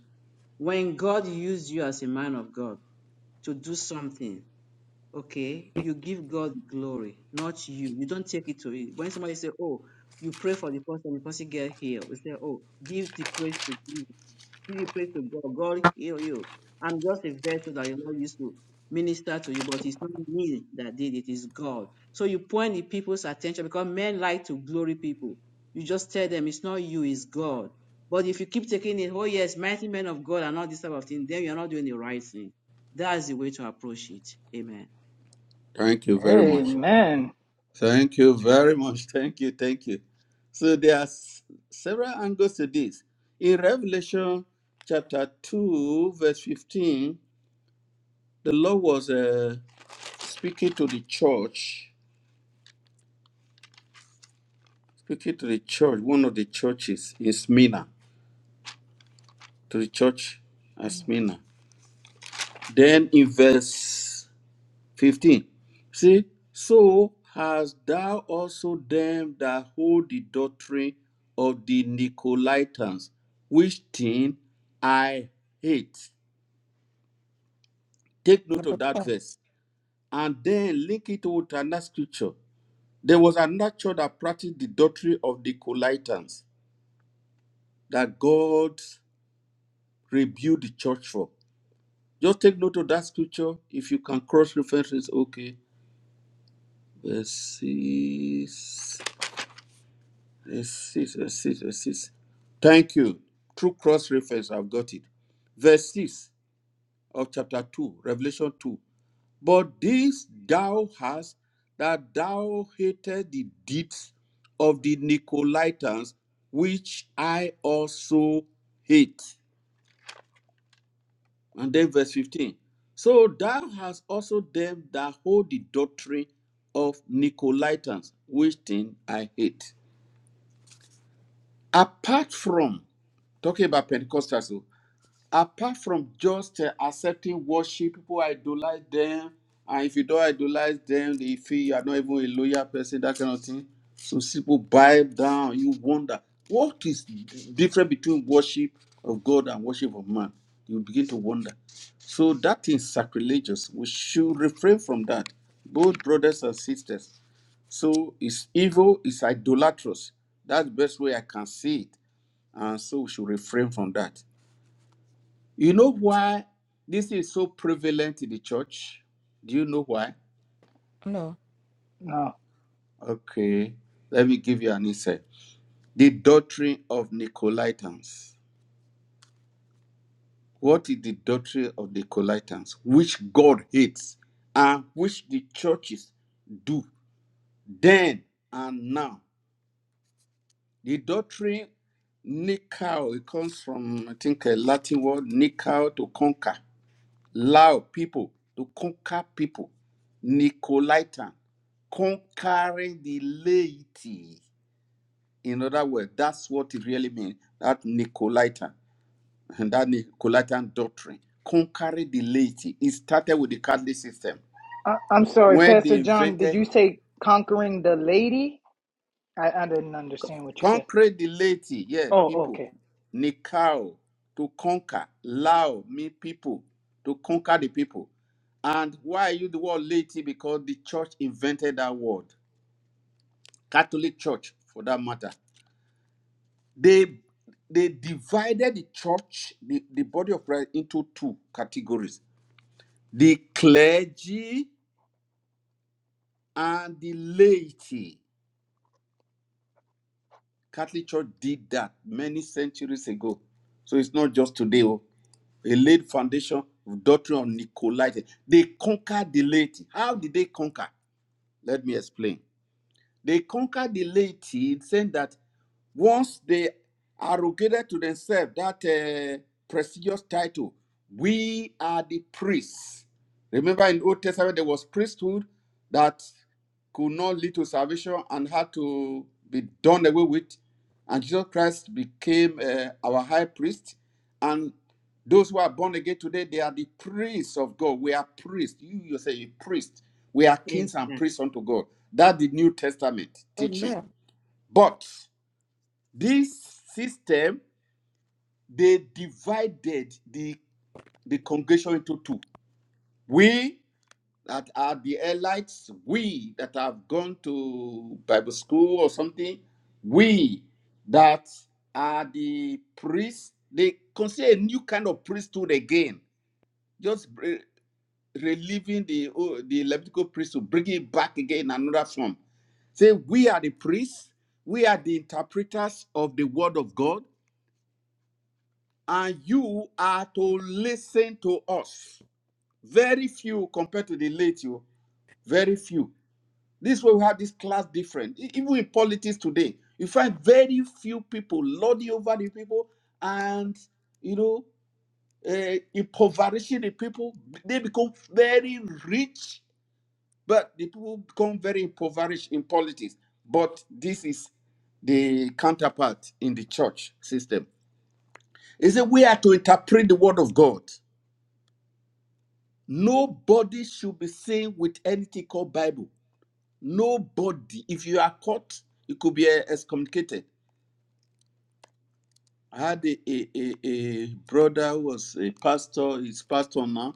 B: when God used you as a man of God to do something, okay, you give God glory, not you. You don't take it to it. When somebody say, "Oh," you pray for the person, the person get healed. You say, "Oh, give the praise to Jesus." Give you praise to God. God heal you. I'm just a vessel that you're not used to minister to you, but it's not me that did it, it's God. So you point the people's attention because men like to glory people. You just tell them it's not you, it's God. But if you keep taking it, oh yes, mighty men of God and all this type of thing, then you're not doing the right thing. That's the way to approach it. Amen.
A: thank you very much
E: Amen.
A: thank you very much thank you thank you so there are s- several angles to this in revelation chapter 2 verse 15 the Lord was uh, speaking to the church, speaking to the church, one of the churches in Smyrna, to the church at Smyrna. Then in verse 15, see, so hast thou also them that hold the doctrine of the Nicolaitans, which thing I hate. Take note of that verse. And then link it to another scripture. There was another church that practiced the doctrine of the Nicolaitans that God rebuked the church for. Just take note of that scripture. If you can cross reference, it's okay. Verse 6, verse 6, verse 6, verse 6. Thank you. Through cross reference, I've got it. Verse 6 of chapter 2, Revelation 2. But this thou hast, that thou hated the deeds of the Nicolaitans, which I also hate. And then verse 15. So thou hast also them that hold the doctrine of Nicolaitans, which thing I hate. Apart from, talking about Pentecostals, oh, apart from just uh, accepting worship, people idolize them, and if you don't idolize them, they feel you are not even a loyal person, that kind of thing. So people buy down, you wonder what is different between worship of God and worship of man. You begin to wonder. So that is sacrilegious. We should refrain from that, both brothers and sisters. So it's evil, it's idolatrous. That's the best way I can see it. And so we should refrain from that. You know why this is so prevalent in the church? Do you know why?
C: no.
E: No,
A: Okay, let me give you an insight. The doctrine of Nicolaitans. What is the doctrine of Nicolaitans? Which God hates and which the churches do then and now. The doctrine Nikao, it comes from, I think, a Latin word, Nikao, to conquer. Lao people, to conquer people. Nicolaitan, conquering the laity. In other words, that's what it really means. That Nicolaitan, and that Nicolaitan doctrine, conquering the laity. It started with the Catholic system.
E: I, I'm sorry,
A: When they
E: Pastor John. Did
A: invented,
E: you say conquering the lady? I, I didn't understand what you said.
A: conquer the laity, yeah,
E: Oh,
A: people.
E: okay.
A: Nikao, to conquer. Lao, me people, to conquer the people. And why I use the word laity? Because the church invented that word. Catholic Church, for that matter, they they divided the church, the, the body of Christ, into two categories: the clergy and the laity. Catholic Church did that many centuries ago, so it's not just today. Oh, they laid foundation of doctrine of Nicolaites. They conquered the laity. How did they conquer? Let me explain. They conquered the laity, saying that once they arrogated to themselves that uh, prestigious title, we are the priests. Remember in Old Testament there was priesthood that could not lead to salvation and had to be done away with. And Jesus Christ became uh, our high priest. And those who are born again today, they are the priests of God. We are priests. You yourself, a priest. We are
B: Amen.
A: kings and priests unto God. That the New Testament
C: Oh,
A: teaching.
C: man
A: But this system, they divided the, the congregation into two. We that are the elites, we that have gone to Bible school or something, we that are the priests, they consider a new kind of priesthood again. Just Relieving the oh, the Levitical priesthood, bringing it back again in another form. Say, we are the priests, we are the interpreters of the word of God, and you are to listen to us. Very few compared to the late you, very few. This way we have this class different. E- Even in politics today, you find very few people lording over the people and you know uh, impoverishing the people. They become very rich But the people become very impoverished in politics. But this is the counterpart in the church system. Is that we are to interpret the word of God. Nobody should be seen with anything called Bible. Nobody. If you are caught, you could be eh, excommunicated. I had a, a, a, a brother who was a pastor, he's pastor now.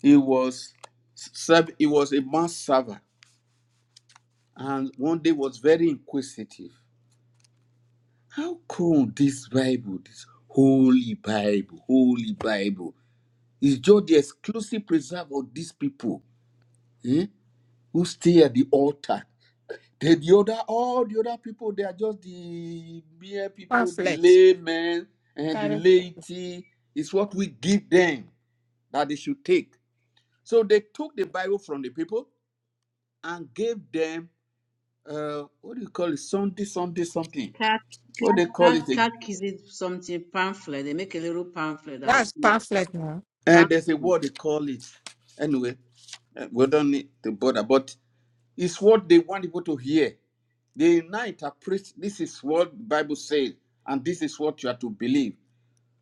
A: He was serv- he was a mass server and one day was very inquisitive How come this Bible, this Holy Bible, Holy Bible, is just the exclusive preserve of these people eh, who stay at the altar? Then the other, all the other people, they are just the mere people, the
C: Pamphlet.
A: laymen and the
C: Carry-
A: laity. It's what we give them that they should take. So they took the Bible from the people and gave them uh, what do you call it? Sunday, Sunday, something.
B: Cat,
A: What they call
B: cat, cat,
A: it?
B: cat is something pamphlet. They make a little pamphlet that
C: That's pamphlet now.
A: And there's a
B: pamphlet.
A: word they call it. Anyway, uh, we don't need to bother, but it's what they want people to hear. They now interpret this is what the Bible says, and this is what you are to believe.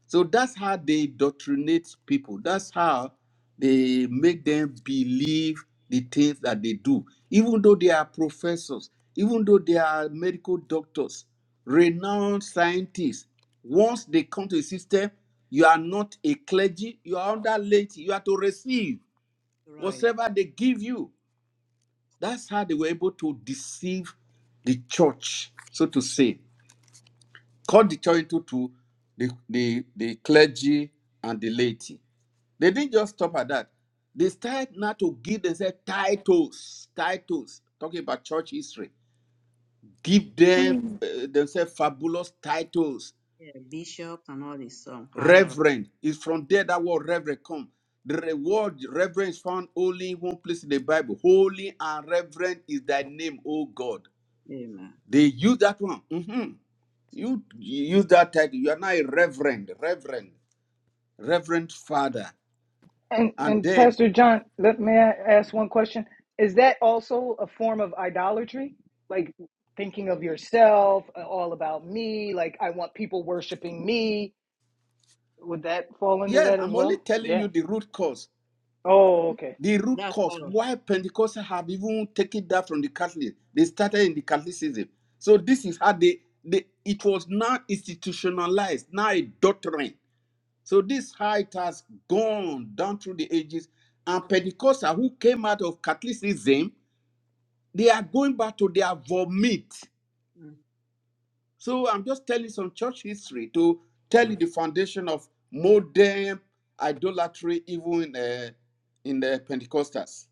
A: So that's how they doctrinate people. That's how they make them believe the things that they do. Even though they are professors, even though they are medical doctors, renowned scientists, once they come to the system, you are not a clergy, you are under laity. You are to receive
B: Right.
A: whatever they give you. That's how they were able to deceive the church, so to say. Cut the church into two, the, the, the clergy and the laity they didn't just stop at that. They started now to give themselves titles, titles, talking about church history. Give them
C: Mm.
A: uh, themselves fabulous titles.
B: yeah, bishops and all this some higher.
A: Reverend is from there that word reverend come. The re- word reverend is found only in one place in the Bible. Holy and reverend is thy name, O God.
B: Amen.
A: They use that one. Mhm. You, you use that title. You are now a reverend, reverend, reverend father.
E: And
A: And
E: and
A: then,
E: Pastor John, let may I ask one question? Is that also a form of idolatry? Like thinking of yourself, uh, all about me, like I want people worshiping me. Would that fall under
A: yes,
E: that as
A: I'm only
E: well?
A: telling
E: Yeah.
A: you the root cause
E: Oh, okay.
A: The root
B: That's
A: cause
B: part of
A: why Pentecostals have even taken that from the Catholic, they started in the Catholicism. So this is how they, they it was now institutionalized, now a doctrine. So this how it has gone down through the ages. And Pentecostals who came out of Catholicism, they are going back to their vomit.
B: it. Mm.
A: So I'm just telling some church history to tell you the foundation of modern idolatry, even in the, in the Pentecostals.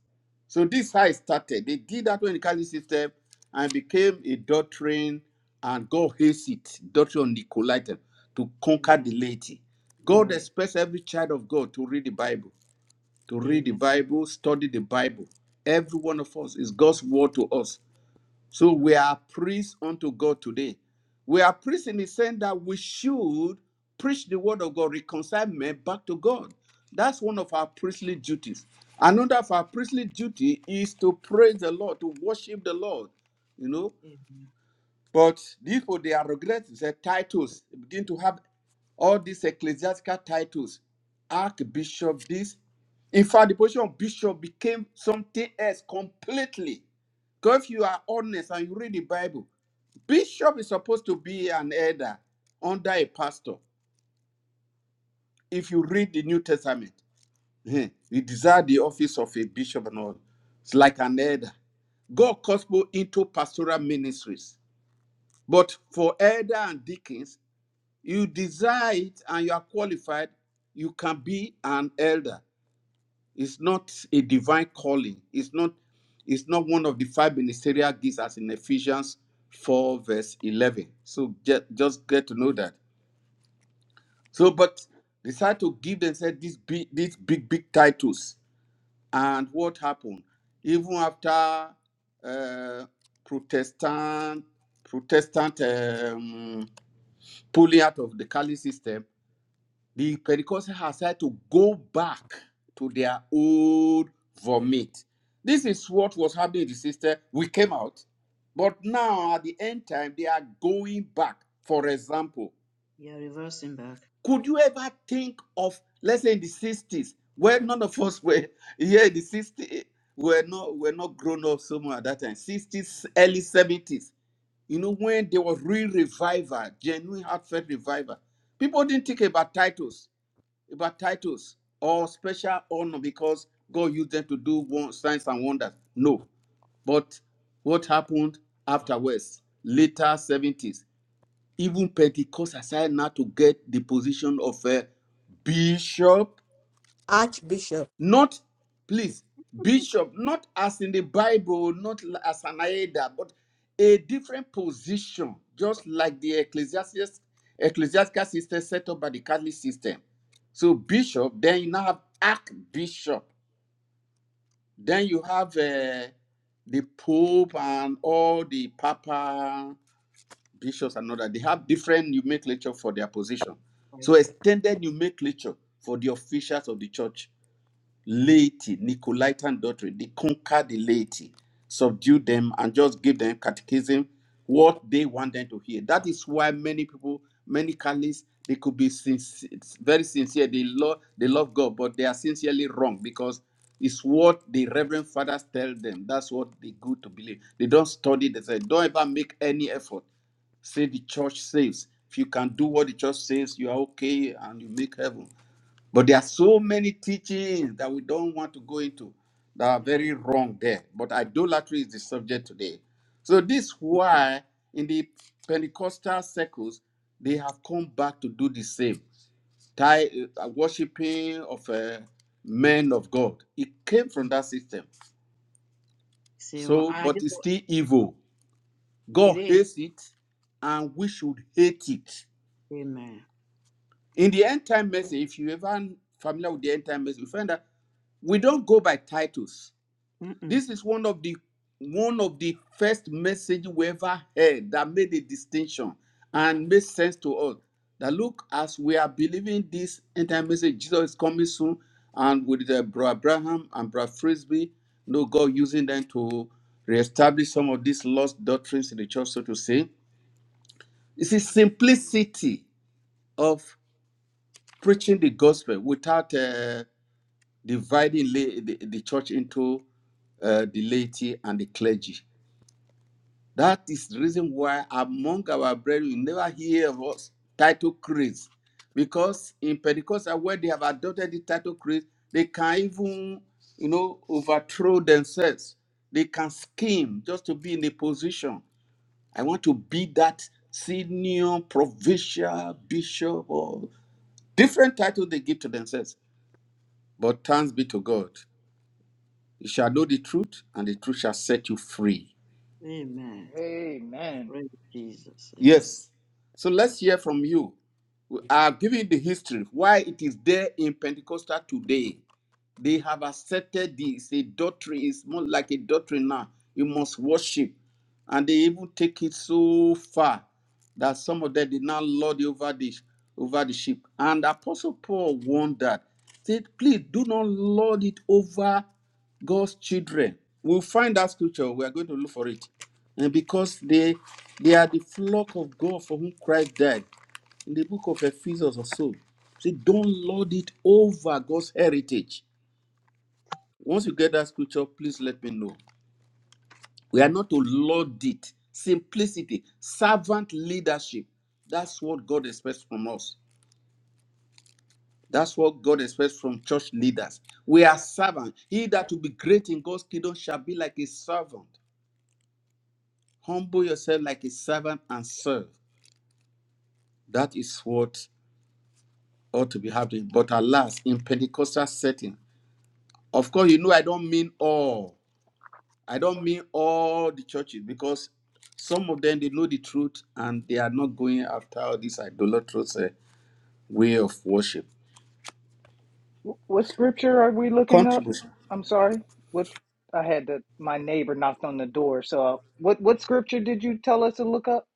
A: So this is how it started. They did that when the Catholic system and became a doctrine, and God hates it, doctrine of Nicolaitan, to conquer
B: Amen.
A: the laity. God
B: Right.
A: expects every child of God to read the Bible, to read the
B: Amen.
A: Bible, study the Bible. Every one of us is God's word to us. So we are priests unto God today. We are priests in the sense that we should preach the word of God, reconcile men back to God. That's one of our priestly duties. Another of our priestly duty is to praise the Lord, to worship the Lord. You know,
B: Amen.
A: but these people, they are regretting the titles. They begin to have all these ecclesiastical titles. Archbishop, this. In fact, the position of bishop became something else completely. Because if you are honest and you read the Bible, bishop is supposed to be an elder under a pastor. If you read the New Testament, eh, you desire the office of a bishop and all. It's like an elder. God calls people into pastoral ministries. But for elder and deacons, You desire it and you are qualified, you can be an elder. It's not a divine calling. It's not it's not one of the five ministerial gifts as in Ephesians 4 verse 11. So get, just get to know that. So but decide to give themselves these big, these big big titles. And what happened? Even after uh, Protestant Protestant um, pulling out of the Cali system, the Pentecostals has had to go back to their old vomit. This is what was happening in the sister. We came out, but now at the end time, they are going back. For example,
B: You're reversing back.
A: could you ever think of, let's say, in the 60s, where none of us were here in the 60s, were not were not grown up so much at that time, 60s, early 70s. You know, when there was real revival, genuine heartfelt revival, people didn't think about titles about titles or special honor because God used them to do one, signs and wonders. No. But what happened afterwards, later 70s, even Pentecost aside now to get the position of a bishop
C: Archbishop.
A: not, please, bishop, not as in the Bible, not l- as an Aida, but a different position, just like the ecclesiastes, ecclesiastical system set up by the Catholic system. So bishop, then you now have archbishop, then you have uh, the pope and all the papa bishops and all that. They have different nomenclature for their position.
B: Right.
A: So extended nomenclature for the officials of the church laity, Nicolaitan doctrine. They conquer the laity, subdue them, and just give them catechism, what they want them to hear. That is why many people, many Catholics, they could be sincere, very sincere. They love, they love God, but they are sincerely wrong because it's what the Reverend Fathers tell them. That's what they go to believe. They don't study. They say, don't ever make any effort. Say the church says. If you can do what the church says, you are okay and you make heaven but there are so many teachings that we don't want to go into that are
B: Nine.
A: very wrong there. But idolatry is the subject today. So this is why in the Pentecostal circles they have come back to do the same. Tie, uh, worshiping of uh, men of God. It came from
B: Mm.
A: that system.
B: Zero.
A: So,
B: I
A: but
B: just
A: it's still evil.
B: it
A: God
B: is.
A: hates it, and we should hate it.
B: Amen.
A: In the end time message, if you ever familiar with the end time message, you find that we don't go by titles
B: Mm-mm.
A: This is one of the one of the first message we ever heard that made a distinction and made sense to us. That look, as we are believing this entire message, Jesus is coming soon, and with the bro Abraham and bro Frisbee, no God using them to reestablish some of these lost doctrines in the church, so to say. It's the simplicity of preaching the gospel without uh, dividing la- the, the church into uh, the laity and the clergy. That is the reason why among our brethren, you never hear of us title creeds. Because in Pentecostal, where they have adopted the title creed, they can even, you know, overthrow themselves. They can scheme just to be in a position. I want to be that senior provincial bishop or different title they give to themselves. But thanks be to God. You shall know the truth, and the truth shall set you free.
B: Amen.
E: Amen.
B: Praise Jesus. Amen.
A: Yes. So let's hear from you. I've given the history why it is there in Pentecostal today. They have accepted this. A doctrine is more like a doctrine now. You must worship. And they even take it so far that some of them did not lord over the over the sheep. And Apostle Paul warned that. Said, please do not lord it over God's children. We'll find that scripture. We are going to look for it. And because they they are the flock of God for whom Christ died. In the book of Ephesians or so. Say, don't lord it over God's heritage once you get that scripture, please let me know. We are not to lord it. Simplicity, servant leadership. That's what God expects from us. That's what God expects from church leaders. We are servant. He that will be great in God's kingdom shall be like a servant. Humble yourself like a servant and serve. That is what ought to be happening. But alas, in Pentecostal setting, of course, you know I don't mean all. I don't mean all the churches because some of them they know the truth and they are not going after all this idolatrous uh, way of worship.
E: Wh- What scripture are we looking up?
A: Contribution.
E: I'm sorry. What I had the my neighbor knocked on the door. So uh, what what scripture did you tell us to look up?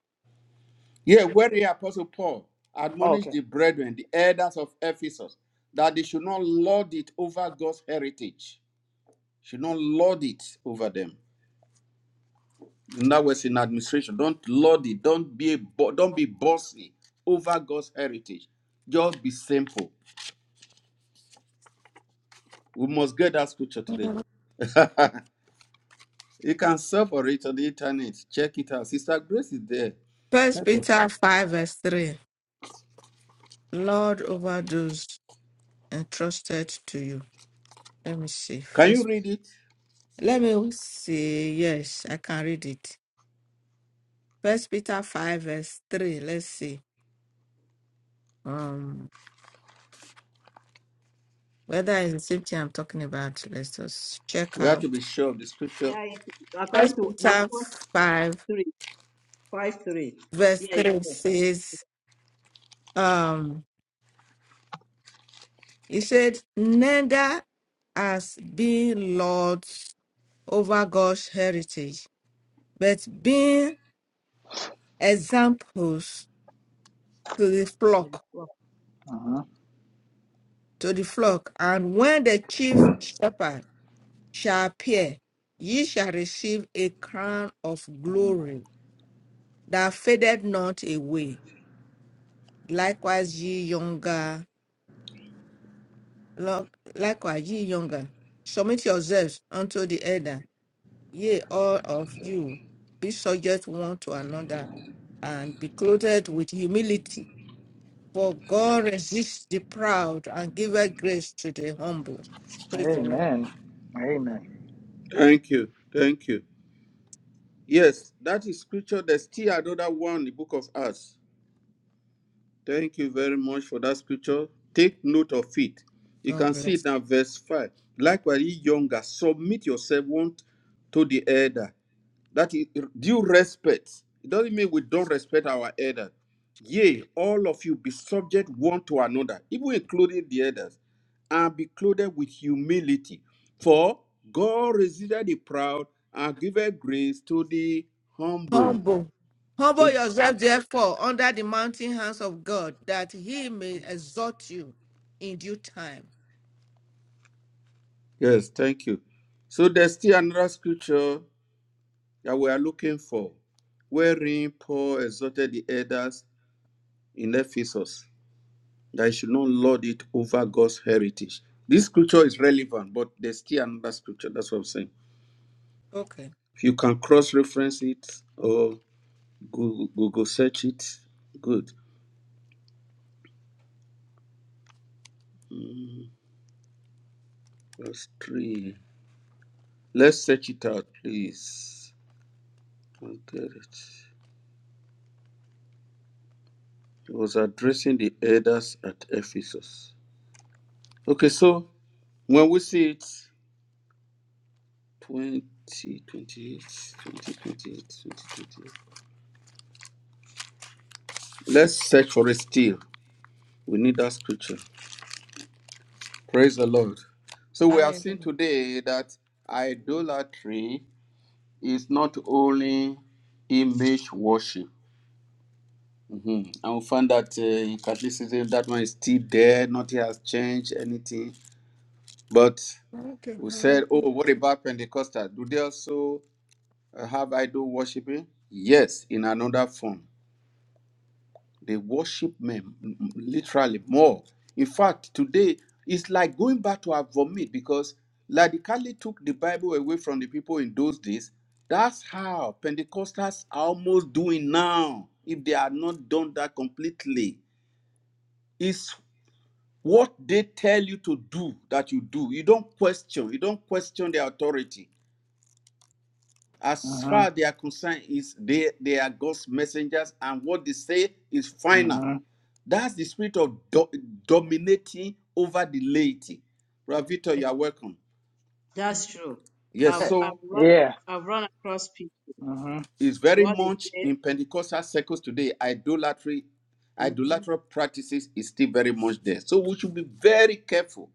A: Yeah, where the apostle Paul
E: Oh,
A: admonished
E: okay.
A: the brethren, the elders of Ephesus, that they should not lord it over God's heritage. Should not lord it over them. In other words, in administration, don't lord it. Don't be a, bo- don't be bossy over God's heritage. Just be simple. We must get that scripture today. You can search for it on the internet. Check it out. Sister Grace is there.
C: First
A: Help us.
C: Peter five verse three. Lord over those entrusted to you. Let me see.
A: Can you
C: First
A: read it?
C: let me see. Yes, I can read it. First Peter five verse three. Let's see. um, Whether it's the same thing I'm talking about, let's just check
A: We have
C: out.
A: to be sure of the scripture.
B: Yeah, it, according
C: First
B: to the
C: Peter
B: first
C: five
B: three, five three.
C: verse
B: Yeah, it's
C: three
B: there.
C: says, um, he said, neither as being lords over God's heritage, but being examples to the
B: Or the
C: flock,
B: four.
E: Uh-huh.
C: to the flock. And when the chief shepherd shall appear, ye shall receive a crown of
E: uh-huh.
C: glory that fadeth not away. Likewise, ye younger Lo- Likewise, ye younger, submit yourselves unto the elder. Yea, all of you, be subject one to another, and be clothed with humility. For God resists the proud and giveth grace to the humble. Praise the Lord.
E: Amen. Amen.
A: Thank you. Thank you. Yes, that is scripture. There's still another one, the book of Acts. Thank you very much for that scripture. Take note of it. You
C: God
A: can see it
C: bless.
A: now, verse 5. Likewise, ye younger, submit yourself one to the elder. That is due respect. It doesn't mean we don't respect our elders. Yea, all of you be subject one to another, even including the elders, and be clothed with humility. For God resisted the proud and giveth grace to the humble.
C: Humble. Humble
A: So
C: yourself, therefore, under the mounting hands of God, that he may exalt you in due time.
A: yes, thank you. So there's still another scripture that we are looking for, wherein Paul exhorted the elders in Ephesus. that you should not lord it over God's heritage. This scripture is relevant, but there's still another scripture. That's what I'm saying.
C: Okay.
A: If you can cross reference it or Google, Google search it, good. Verse 3. Let's search it out, please. I'll get it. He was addressing the elders at Ephesus. Okay, so when we see it, 20, twenty-eight, twenty, twenty-eight, twenty, twenty-eight. Let's search for it still. We need that scripture. Praise the Lord. So we have
C: Hallelujah.
A: seen today that idolatry is not only image worship. Mhm. And we find that uh, in Catholicism, that one is still there, nothing has changed, anything. But
C: Thank you,
A: we said, oh,
C: Lord.
A: what about Pentecostal? Do they also uh, have idol worshiping? Yes, in another form. They worship men m- literally more. In fact, today it's like going back to our vomit because Ladikali took the Bible away from the people in those days. That's how Pentecostals are almost doing now, if they are not done that completely. It's what they tell you to do that you do. You don't question, you don't question their authority. As
E: Uh-huh.
A: far as they are concerned, is they, they are God's messengers, and what they say is final.
E: Uh-huh.
A: That's the spirit of do- dominating over the laity. Brother Victor,
B: Okay.
A: you are welcome.
B: That's true.
A: Yes,
B: I've I've
A: so
B: run
E: Yeah.
B: ac- I've run across people.
E: Mhm.
A: it's very
B: What is
A: much in Pentecostal circles today. Idolatry,
B: it?
A: idolatrous practices is still very much there. So we should be very careful.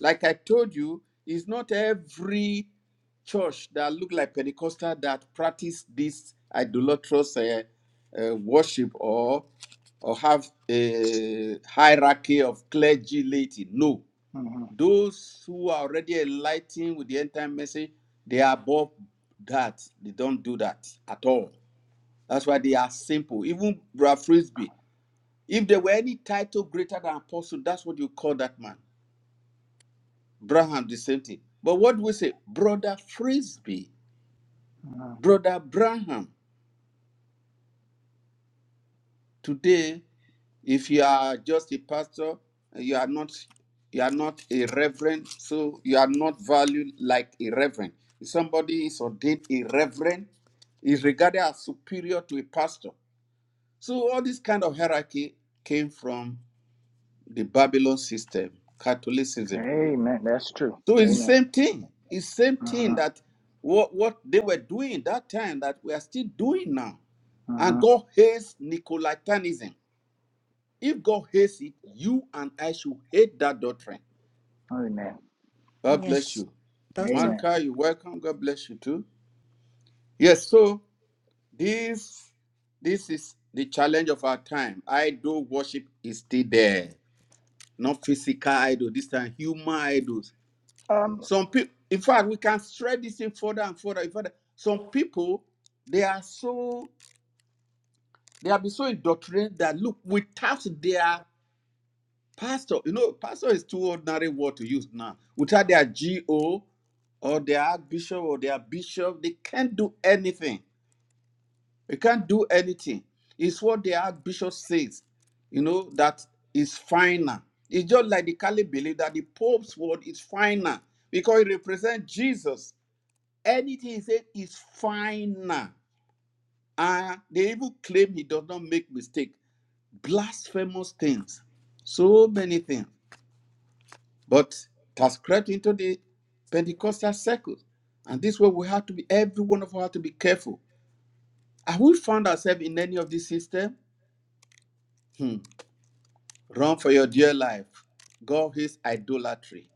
A: Like I told you, it's not every church that look like Pentecostal that practice this idolatrous uh, uh, worship or or have a hierarchy of clergy laity. No,
E: Mhm.
A: Those who are already enlightened with the end time message, they are above that. They don't do that at all. That's why they are simple. Even Brad Frisbee, if there were any title greater than apostle, that's what you call that man. Braham, the same thing. But what do we say? Brother Frisbee,
E: Mhm.
A: Brother Braham. Today, If you are just a pastor, you are not you are not a reverend, so you are not valued like a reverend. If somebody is ordained a reverend, is regarded as superior to a pastor. So all this kind of hierarchy came from the Babylon system, Catholicism.
E: Amen. That's true.
A: So it's the
E: Amen.
A: same thing. It's the same thing
E: Mhm.
A: that what, what they were doing that time that we are still doing now. And
E: Mhm.
A: God hates Nicolaitanism. If God hates it, you and I should hate that doctrine.
E: Amen.
A: God bless
C: Yes.
A: you.
C: That's
E: Amen.
A: Marka, you welcome. God bless you too. Yes, so this this is the challenge of our time. Idol worship is still there. Not physical idol, this time human idols.
E: Um.
A: Some people, in fact, we can stretch this thing further and further. and further. Some people, they are so, they have been so indoctrinated that look, without their Pastor, you know, pastor is too ordinary word to use now. Without their GO or their archbishop or their bishop, they can't do anything. They can't do anything. It's what the archbishop says, you know, that is final. It's just like the Catholic believe that the Pope's word is final because it represents Jesus. Anything he said is final. And they even claim he does not make mistake. Blasphemous things. So many things. But it has crept into the Pentecostal circle. And this way we have to be, every one of us have to be careful. Have we found ourselves in any of this system? Hmm. Run for your dear life. God hates idolatry.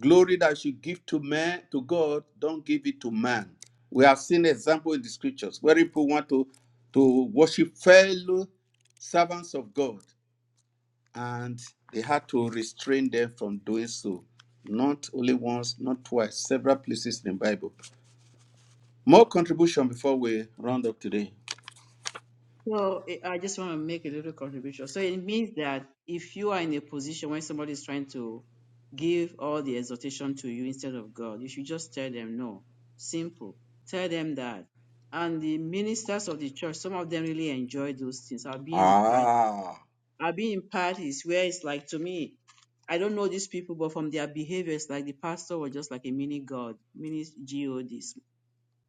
A: Glory that you give to man, to God, don't give it to man. We have seen example in the scriptures where people want to, to worship fellow servants of God and they had to restrain them from doing so. Not only once, not twice, several places in the Bible. More contribution before we round up today.
B: So eh, I just want to make a little contribution. So it means that if you are in a position when somebody is trying to give all the exhortation to you instead of God, you should just tell them no. Simple. Tell them that. And the ministers of the church, some of them really enjoy those things. I've been in part.
A: Ah,
B: I've been in parties where it's like to me, I don't know these people, but from their behavior, it's like the pastor was just like a mini God, mini God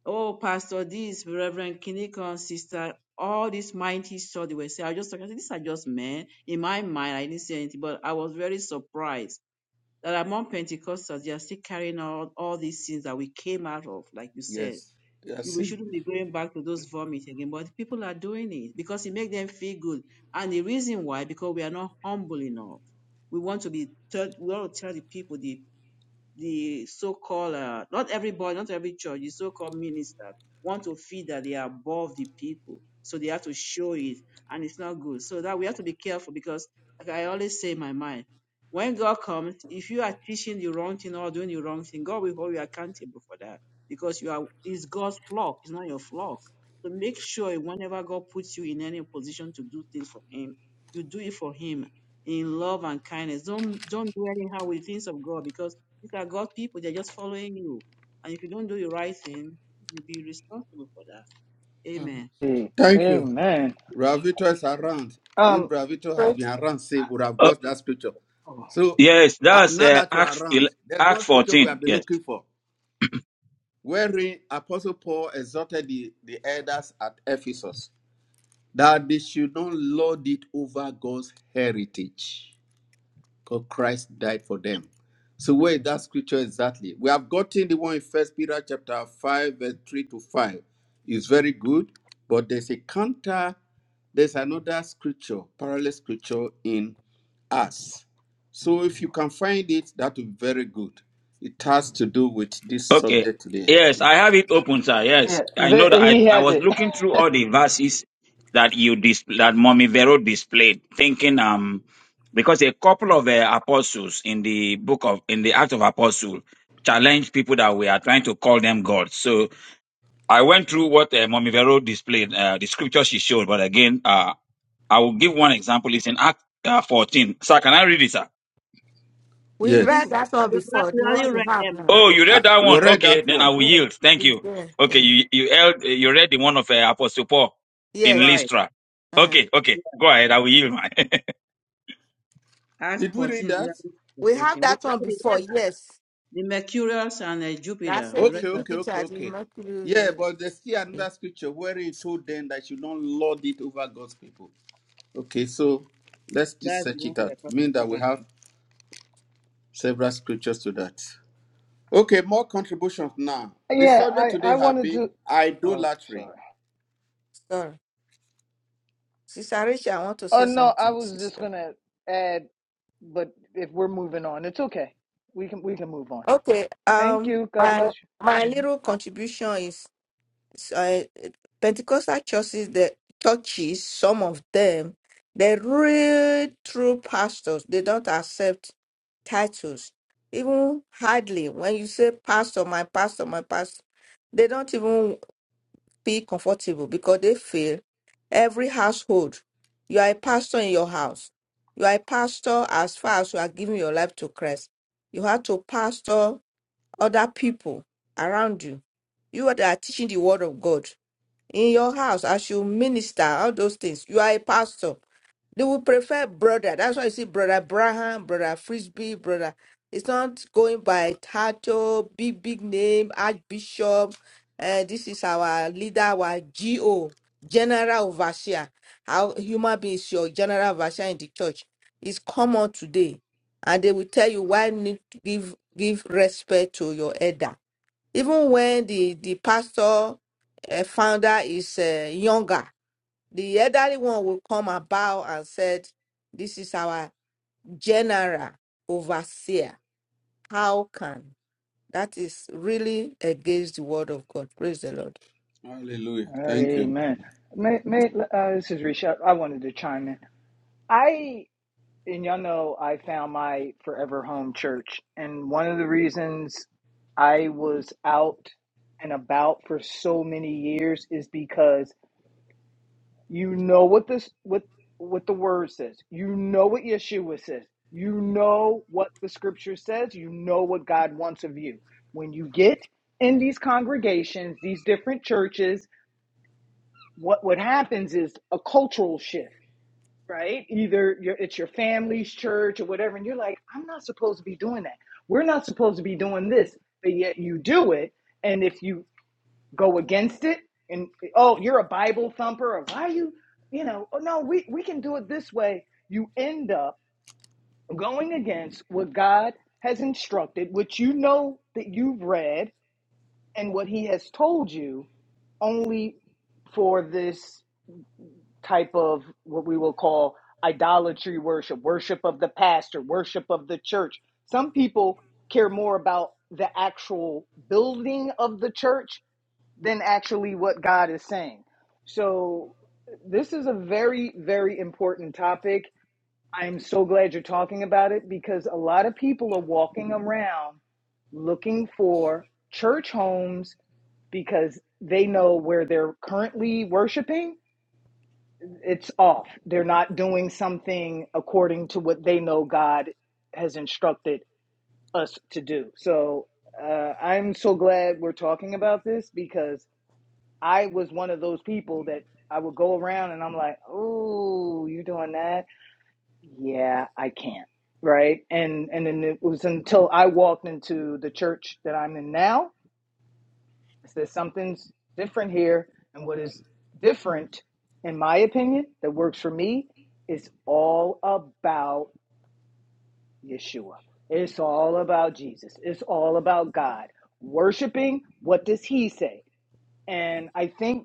B: oh, Pastor, this Reverend Kinikon, sister, all this mighty stuff they were saying. I just, I said, these are just men. In my mind, I didn't say anything, but I was very surprised that among Pentecostals, they are still carrying out all these things that we came out of, like you said.
A: yes.
B: We
A: Yes.
B: we shouldn't be going back to those vomit again, but people are doing it because it makes them feel good. And the reason why, because we are not humble enough. We want to be, tell, we want to tell the people the the so-called, uh, not everybody, not every church, the so-called ministers want to feel that they are above the people. So they have to show it and it's not good. So that we have to be careful because like I always say in my mind, when God comes, if you are teaching the wrong thing or doing the wrong thing, God will hold you accountable for that because you are, it's God's flock. It's not your flock. So make sure whenever God puts you in any position to do things for him, you do it for him in love and kindness. Don't, don't do anyhow with things of God because these are God people. They're just following you. And if you don't do the right thing, you'll be responsible for that. Amen.
E: eh,
A: Thank you.
E: Amen.
A: Bravito is around. If
E: Um.
A: Bravito
C: all.
A: had been around, say, would have
F: Oh,
A: got that scripture. So
F: yes,
A: uh,
F: that's
A: now
F: uh,
A: that you are
F: Acts
A: around,
F: ele-
A: there's one
F: Act
A: scripture we have
F: 14.
A: been
F: Yes.
A: looking for, wherein Apostle Paul exhorted the, the elders at Ephesus. that they should not lord it over God's heritage, because Christ died for them. So where is that scripture exactly? We have gotten the one in First Peter chapter five, verse three to five. It's very good, but there's a counter. There's another scripture, parallel scripture in us. So if you can find it, that would be very good. It has to do with this
F: Okay.
A: subject today.
F: Yes, I have it open, sir. Yes,
E: Yeah.
F: I
E: The,
F: know that I,
E: he
F: I
E: has
F: was
E: it.
F: looking through all the verses that you dis- that Mommy Vero displayed, thinking um because a couple of uh, apostles in the book of in the Act of Apostle challenged people that we are trying to call them gods. So I went through what uh, Mommy Vero displayed, uh, the scripture she showed, but again, uh, I will give one example. It's in Act uh, 14. Sir, can I read it, sir?
C: We
B: I think
C: read
A: Yes,
B: we've
C: that one
B: we
C: before. The
B: already
C: one you
B: read
C: have
B: them
C: now.
F: Oh,
B: down.
F: you
A: Uh,
F: read that
A: we
F: one.
A: read
F: Okay,
A: that
F: then I
A: one.
F: will
C: Yes,
F: yield. Thank
C: it's
F: you.
C: there.
F: Okay,
C: Yeah.
F: you you held, you read the one of uh, Apostle Paul in
C: Yes.
B: Right.
F: Lystra.
C: Mm.
F: Okay, okay, go ahead. I will yield, man.
B: Acts
A: Did we read
B: 14, we
A: that?
B: already read
C: We
B: the
C: have
B: 18. We
C: that one
B: already read
C: before. Yes.
B: the Mercurius and uh,
C: That
B: Jupiter. We
C: said
B: read
C: the
A: Okay,
B: that.
A: okay, okay,
C: Jupiter, the
A: okay.
C: Mercury,
A: Yeah,
C: the,
A: but there's still another
C: the
A: scripture where he told them that you don't lord it over God's people. Okay, so let's just
B: That's the
A: search
B: one
A: it
B: we are
A: out.
B: trying to
A: Mean that we
B: find.
A: have several scriptures to that. Okay, more contributions now. The
E: Yeah.
A: subject
E: I. I
A: today have
E: wanted
A: been
E: to. Oh,
A: idolatry.
E: sorry.
C: sorry. Sister Risha, I want to
E: Oh
C: say
E: no. I
C: something,
E: was just
C: sister.
E: gonna add, but if we're moving on, it's okay. We can. We can move on.
C: Okay.
E: Thank
C: Um
E: you. God bless
C: my my
E: you. Mhm.
C: little contribution is s- I- Pentecostal churches, the churches, some of them, the real true pastors, they don't accept titles. Even hardly when you say pastor, my pastor, my pastor, they don't even feel comfortable because they feel every household, you are a pastor in your house. You are a pastor as far as you are giving your life to Christ. You have to pastor other people around you. You are that are teaching the word of God in your house as you minister, all those things. You are a pastor. They will prefer brother. That's why you see brother Abraham, brother Frisbee, brother. It's not going by title, big, big name, archbishop. Uh, this is our leader, our GO, general overseer. How human beings, your general overseer in the church is common today. And they will tell you why you need to give give respect to your elder even when the the pastor uh, founder is uh, younger, the elderly one will come and bow and said, "This is our general overseer. How can that is really against the word of God? Praise the Lord."
A: Hallelujah. Thank you.
E: Amen. May, may, uh, this is Rishad. I wanted to chime in. I and y'all know I found my forever home church. And one of the reasons I was out and about for so many years is because you know what this what what the word says. You know what Yeshua says. You know what the scripture says. You know what God wants of you. When you get in these congregations, these different churches, what what happens is a cultural shift right? Either your it's your family's church or whatever, and you're like, I'm not supposed to be doing that. We're not supposed to be doing this, but yet you do it. And if you go against it, and oh, you're a Bible thumper, or why are you, you know, oh no, we we can do it this way. You end up going against what God has instructed, which you know that you've read, and what He has told you, only for this type of what we will call idolatry worship, worship of the pastor, worship of the church. Some people care more about the actual building of the church than actually what God is saying. So, this is a very, very important topic. I'm so glad you're talking about it because a lot of people are walking around looking for church homes because they know where they're currently worshiping it's off. They're not doing something according to what they know God has instructed us to do. So uh, I'm so glad we're talking about this because I was one of those people that I would go around and I'm like, oh, you're doing that? Yeah, I can't. Right. And and then it was until I walked into the church that I'm in now I said something's different here, and what is different, in my opinion, that works for me, is all about Yeshua. It's all about Jesus. It's all about God. Worshiping, what does He say? And I think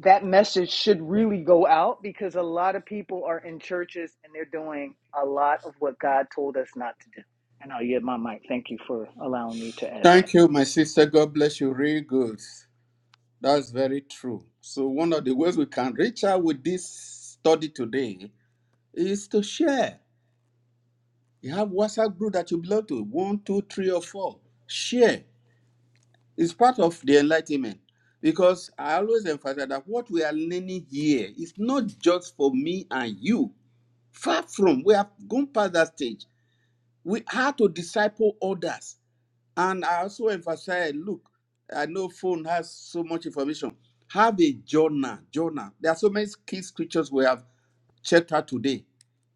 E: that message should really go out because a lot of people are in churches and they're doing a lot of what God told us not to do. And I'll yield my mic. Thank you for allowing me to add that.
A: Thank you, my sister. God bless you. Real good. That's very true. So one of the ways we can reach out with this study today is to share. You have WhatsApp group that you belong to, one, two, three, or four. Share. It's part of the enlightenment. Because I always emphasize that what we are learning here is not just for me and you. Far from, we have gone past that stage. We have to disciple others. And I also emphasize, look, I know phone has so much information. Have a journal, journal. There are so many key scriptures we have checked out today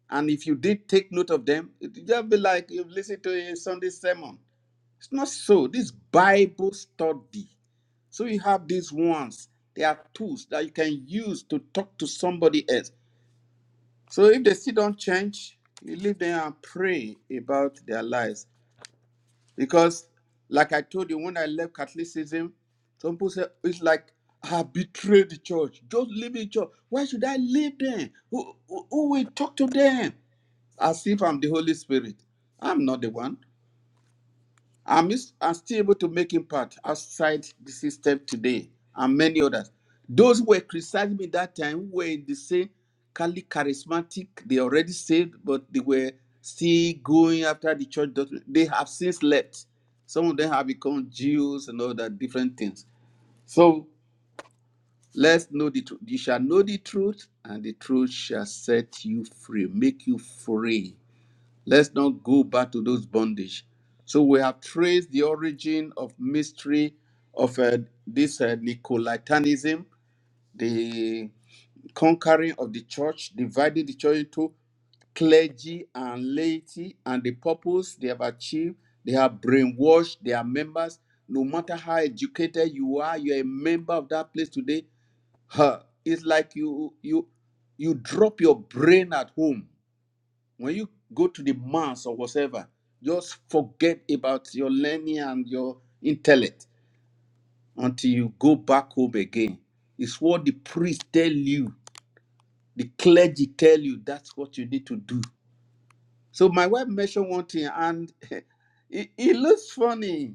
A: and if you did take note of them, it just be like you've listened to a Sunday sermon. It's not so. This Bible study. So you have these ones. They are tools that you can use to talk to somebody else. So if they still don't change, you leave them and pray about their lives. Because, like I told you, when I left Catholicism, some people say it's like I betrayed the church. Just leave the church. Why should I leave them? Who, who, who will talk to them? As if I'm the Holy Spirit. I'm not the one. I'm, is- I'm still able to make impact outside the system today and many others. Those who were criticizing me that time were in the same Kali charismatic, they already saved, but they were still going after the church. doctrine. They have since left. Some of them have become Jews and other different things. So let's know the truth. You shall know the truth, and the truth shall set you free, make you free. Let's not go back to those bondage. So we have traced the origin of mystery of uh, this uh, Nicolitanism, the conquering of the church, dividing the church into clergy and laity, and the purpose they have achieved. They have brainwashed their members. No matter how educated you are, you're a member of that place today. Huh. It's like you you you drop your brain at home when you go to the mass or whatever, just forget about your learning and your intellect until you go back home again. It's what the priest tell you, the clergy tell you. That's what you need to do. So my wife mentioned one thing, and it, it looks funny.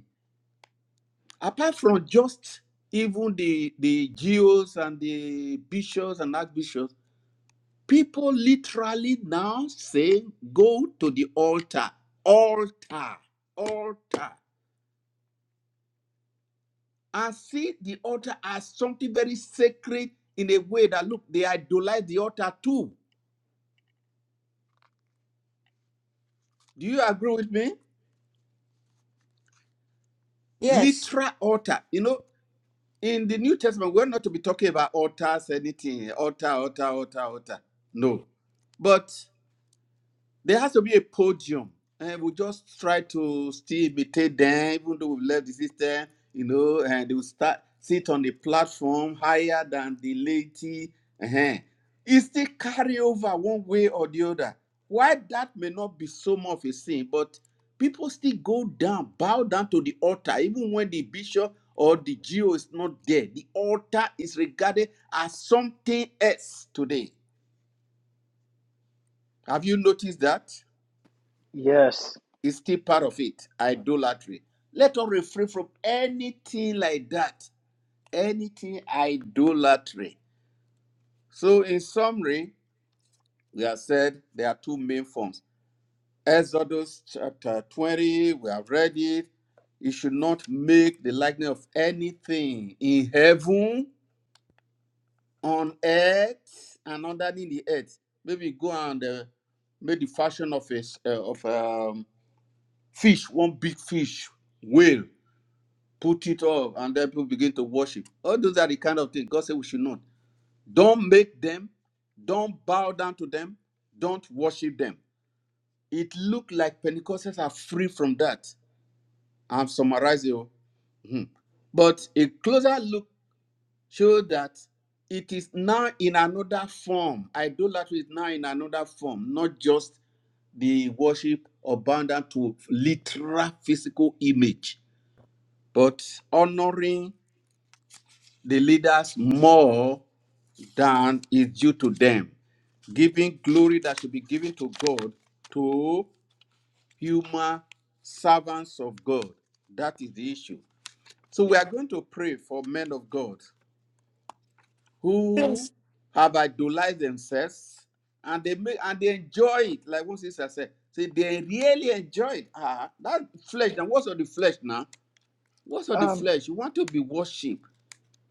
A: Apart from just even the the geos and the bishops and archbishops, People literally now saying, go to the altar, altar, altar. And see the altar as something very sacred in a way that, look, they idolize the altar too. Do you agree with me?
C: Yes,
A: Literal altar. You know, in the New Testament, we're not to be talking about altars, anything, altar, altar, altar, altar. No. but. There has to be a podium, and we just try to still imitate them, even though we've left the system, you know, and they will start sit on the platform higher than the laity. uh It still carry over one way or the other. Why that may not be so much of a sin, but people still go down, bow down to the altar, even when the bishop or the geo is not there. The altar is regarded as something else today. Have you noticed that?
E: Yes.
A: Is still part of it, idolatry. Let us refrain from anything like that, anything idolatry. So, in summary, we have said there are two main forms. Exodus chapter 20, we have read it. You should not make the likeness of anything in heaven, on earth, and underneath the earth. Maybe go and uh, make the fashion of a uh, of um, fish, one big fish, whale put it up, and then people begin to worship. All those are the kind of things God said we should not. Don't make them, don't bow down to them, don't worship them. It looked like Pentecostals are free from that. I'm summarizing. oh. Mhm. But a closer look showed that it is now in another form. Idolatry is now in another form, not just the worship or bound down to literal physical image, but honoring the leaders more than is due to them, giving glory that should be given to God to human servants of God. That is the issue. So we are going to pray for men of God who
C: please
A: have idolized themselves and they make and they enjoy it. Like one sister said, see, they really enjoy it. Ah, that flesh. Then what's of the flesh now? What's of the
E: Um.
A: flesh? You want to be worshipped.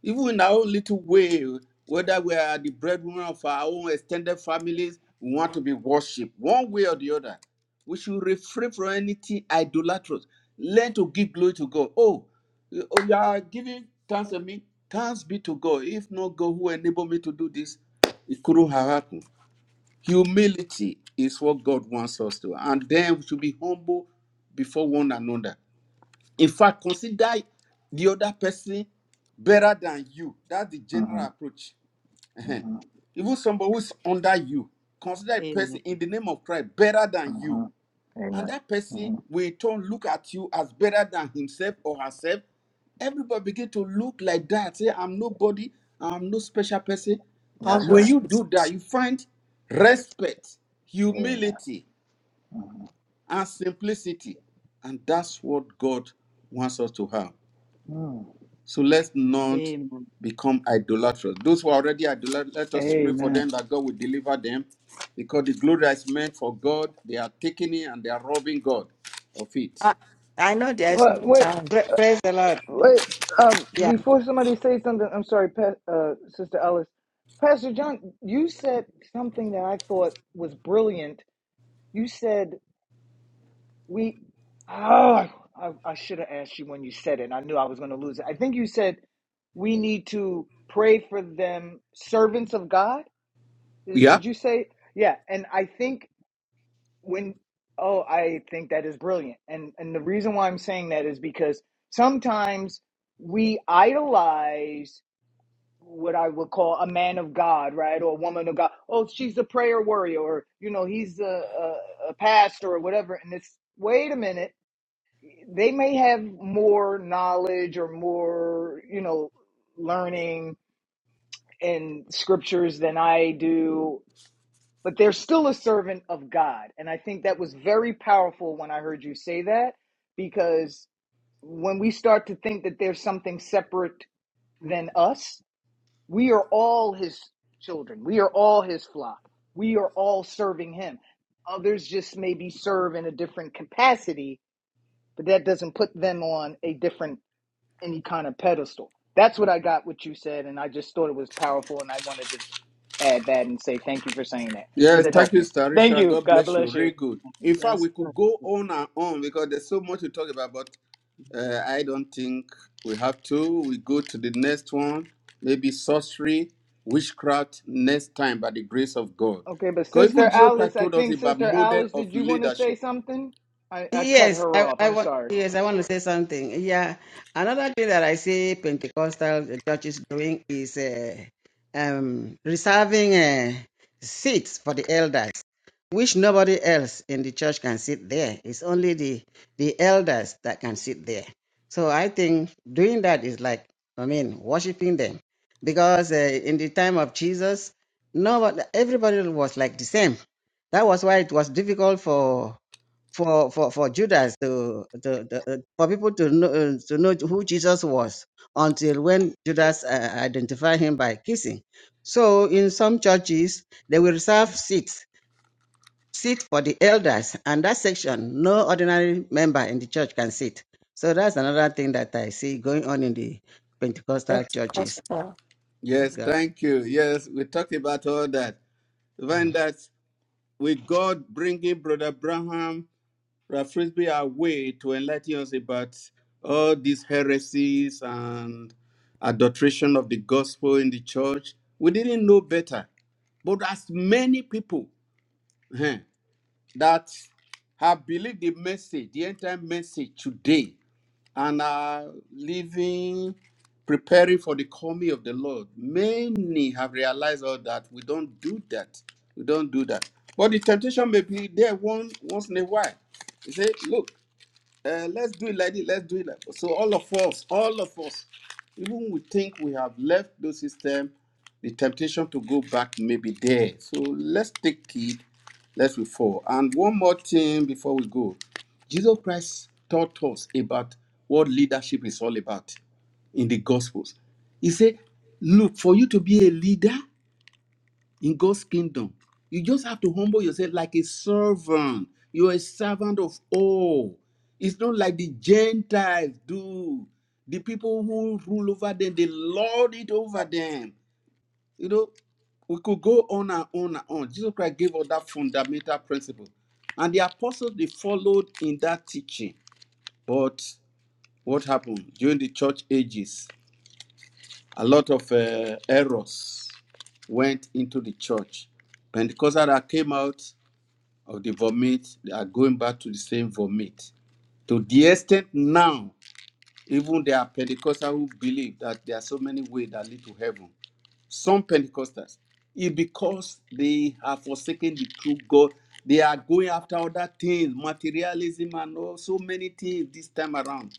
A: even in our own little way, whether we are the breadwinner of our own extended families, we want to be worshipped one way or the other. We should refrain from anything idolatrous. Learn to give glory to God. Oh, you oh, you are giving thanks to me. Thanks be to God. If not God who enabled me to do this, it couldn't have happened. Humility is what God wants us to. And then we should be humble before one another. In fact, consider the other person better than you. That's the general
E: mhm,
A: approach. Ehen.
E: mhm.
A: Even somebody who's under you, consider a person
B: Amen.
A: in the name of Christ better than
E: hmm
A: you. And
E: Amen.
A: that person
E: hmm
A: will in turn look at you as better than himself or herself. Everybody begin to look like that. Say, I'm nobody, I'm no special person.
E: That's
C: humble
A: When
E: right.
A: you
C: speech.
A: do that, you find respect,
E: Amen.
A: humility,
E: hmm
A: and simplicity. And that's what God wants us to have.
E: Mm.
A: So let's not
B: Amen.
A: become idolatrous. Those who are already idolatrous, let us pray for
E: Amen.
A: them that God will deliver them because the glory that is meant for God. They are taking it and they are robbing God of it.
C: I, I know there's no
E: What? What?
C: time.
E: uh,
D: Praise the Lord.
E: Wait. Um.
D: Yeah.
E: Before somebody says something, I'm sorry, pa- uh, Sister Alice. Pastor John, you said something that I thought was brilliant. You said we. Oh, I, I should have asked you when you said it. and I knew I was going to lose it. I think you said we need to pray for them, servants of God. Did,
A: Yeah?
E: did you say? Yeah. And I think when oh i think that is brilliant and and the reason why i'm saying that is because sometimes we idolize what i would call a man of god right or a woman of god oh she's a prayer warrior or you know he's a, a, a pastor or whatever and it's wait a minute they may have more knowledge or more you know learning in scriptures than i do but they're still a servant of God. And I think that was very powerful when I heard you say that, because when we start to think that there's something separate than us, we are all his children, we are all his flock, we are all serving him. Others just maybe serve in a different capacity, but that doesn't put them on a different, any kind of pedestal. That's what I got what you said, and I just thought it was powerful, and I wanted to add that and say thank you for saying that because
A: Yes,
E: it
A: thank
E: helped
A: you,
E: me. Thank
A: Starisha.
E: you.
A: God
E: God
A: bless you.
E: bless you.
A: Really good. In fact,
B: That's
A: we could
B: that's
A: go
B: it.
A: on and on because there's so much to talk about. But. Uh, I don't think we have to. We go to the next one. Maybe sorcery, witchcraft next time by the grace of God.
E: Okay, but
A: Because
E: Sister
A: even Jesus
E: Alice,
A: Christ
E: I
A: told us
E: think
A: about
E: Sister
A: model
E: Alice,
A: of
E: did you want to say
A: leadership.
E: something? I, I cut
D: Yes,
E: her
D: I,
E: off.
D: I
E: I'm
D: want
E: sorry.
D: yes, I want to say something. Yeah, another thing that I see Pentecostal churches doing is uh, um, reserving uh, seats for the elders, which nobody else in the church can sit there. It's only the the elders that can sit there. So I think doing that is like I mean worshiping them, because uh, in the time of Jesus, nobody everybody was like the same. That was why it was difficult for for for for Judas to to, to uh, for people to know uh, to know who Jesus was until when Judas uh, identified him by kissing. So in some churches they will reserve seats seat for the elders, and that section no ordinary member in the church can sit. So that's another thing that I see going on in the Pentecostal churches.
C: Pentecostal.
A: Yes,
D: God.
A: thank you. Yes, we talked about all that. Even
D: Mhm.
A: that with God bringing Brother Branham, Brother Frisbee our way to enlighten us about all these heresies and adulteration of the gospel in the church. We didn't know better. But as many people eh, that have believed the message, the entire message today, and are living, preparing for the coming of the Lord. Many have realized all that we don't do that. We don't do that. But the temptation may be there one once in a while. You say, look, uh, let's do it like this. Let's do it like so. All of us, all of us, even we think we have left the system, the temptation to go back may be there. So let's take it. Let's move forward. And one more thing before we go, Jesus Christ taught us about what leadership is all about in the Gospels. He said, "Look, for you to be a leader." in God's kingdom. You just have to humble yourself like a servant. You're a servant of all. It's not like the Gentiles do. The people who rule over them, they lord it over them. You know, we could go on and on and on. Jesus Christ gave us that fundamental principle. And the apostles, they followed in that teaching. But what happened during the church ages? a lot of uh, errors went into the church. Pentecostals that came out of the vomit, they are going back to the same vomit. To the extent now, even there are Pentecostals who believe that there are so many ways that lead to heaven. Some Pentecostals, it's because they have forsaken the true God. They are going after other things, materialism and all so many things this time around.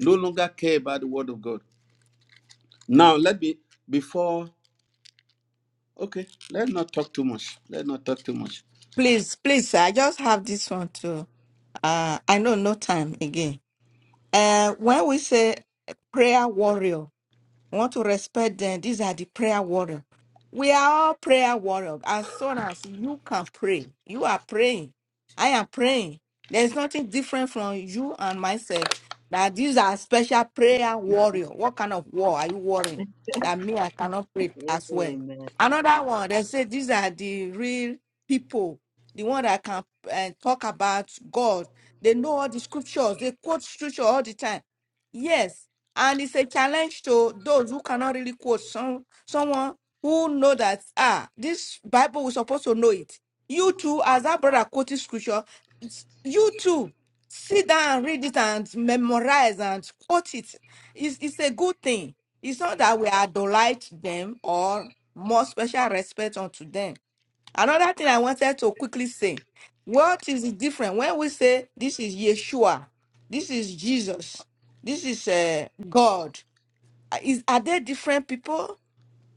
A: No longer care about the word of God. Now let me before Okay, let's not talk too much. Let's not talk too much.
C: Please, please, I just have this one too. Uh, I know no time again. Uh, when we say prayer warrior, We want to respect them. These are the prayer warrior. We are all prayer warrior. As soon as you can pray, you are praying. I am praying. There's nothing different from you and myself. That these are special prayer
B: Amen.
C: warrior. What kind of war are you warring? That me, I cannot pray as well.
B: Amen.
C: Another one, they say these are the real people, the one that can uh, talk about God. They know all the scriptures. They quote scripture all the time. Yes, and it's a challenge to those who cannot really quote some someone who know that ah this bible we're supposed to know it you too as our brother quoted scripture s- you too sit down and read it and memorize and quote it it's, it's a good thing it's not that we idolize them or more special respect unto them Another thing I wanted to quickly say what is the difference when we say this is Yeshua, this is Jesus, this is uh, God? Uh, Is, are they different people?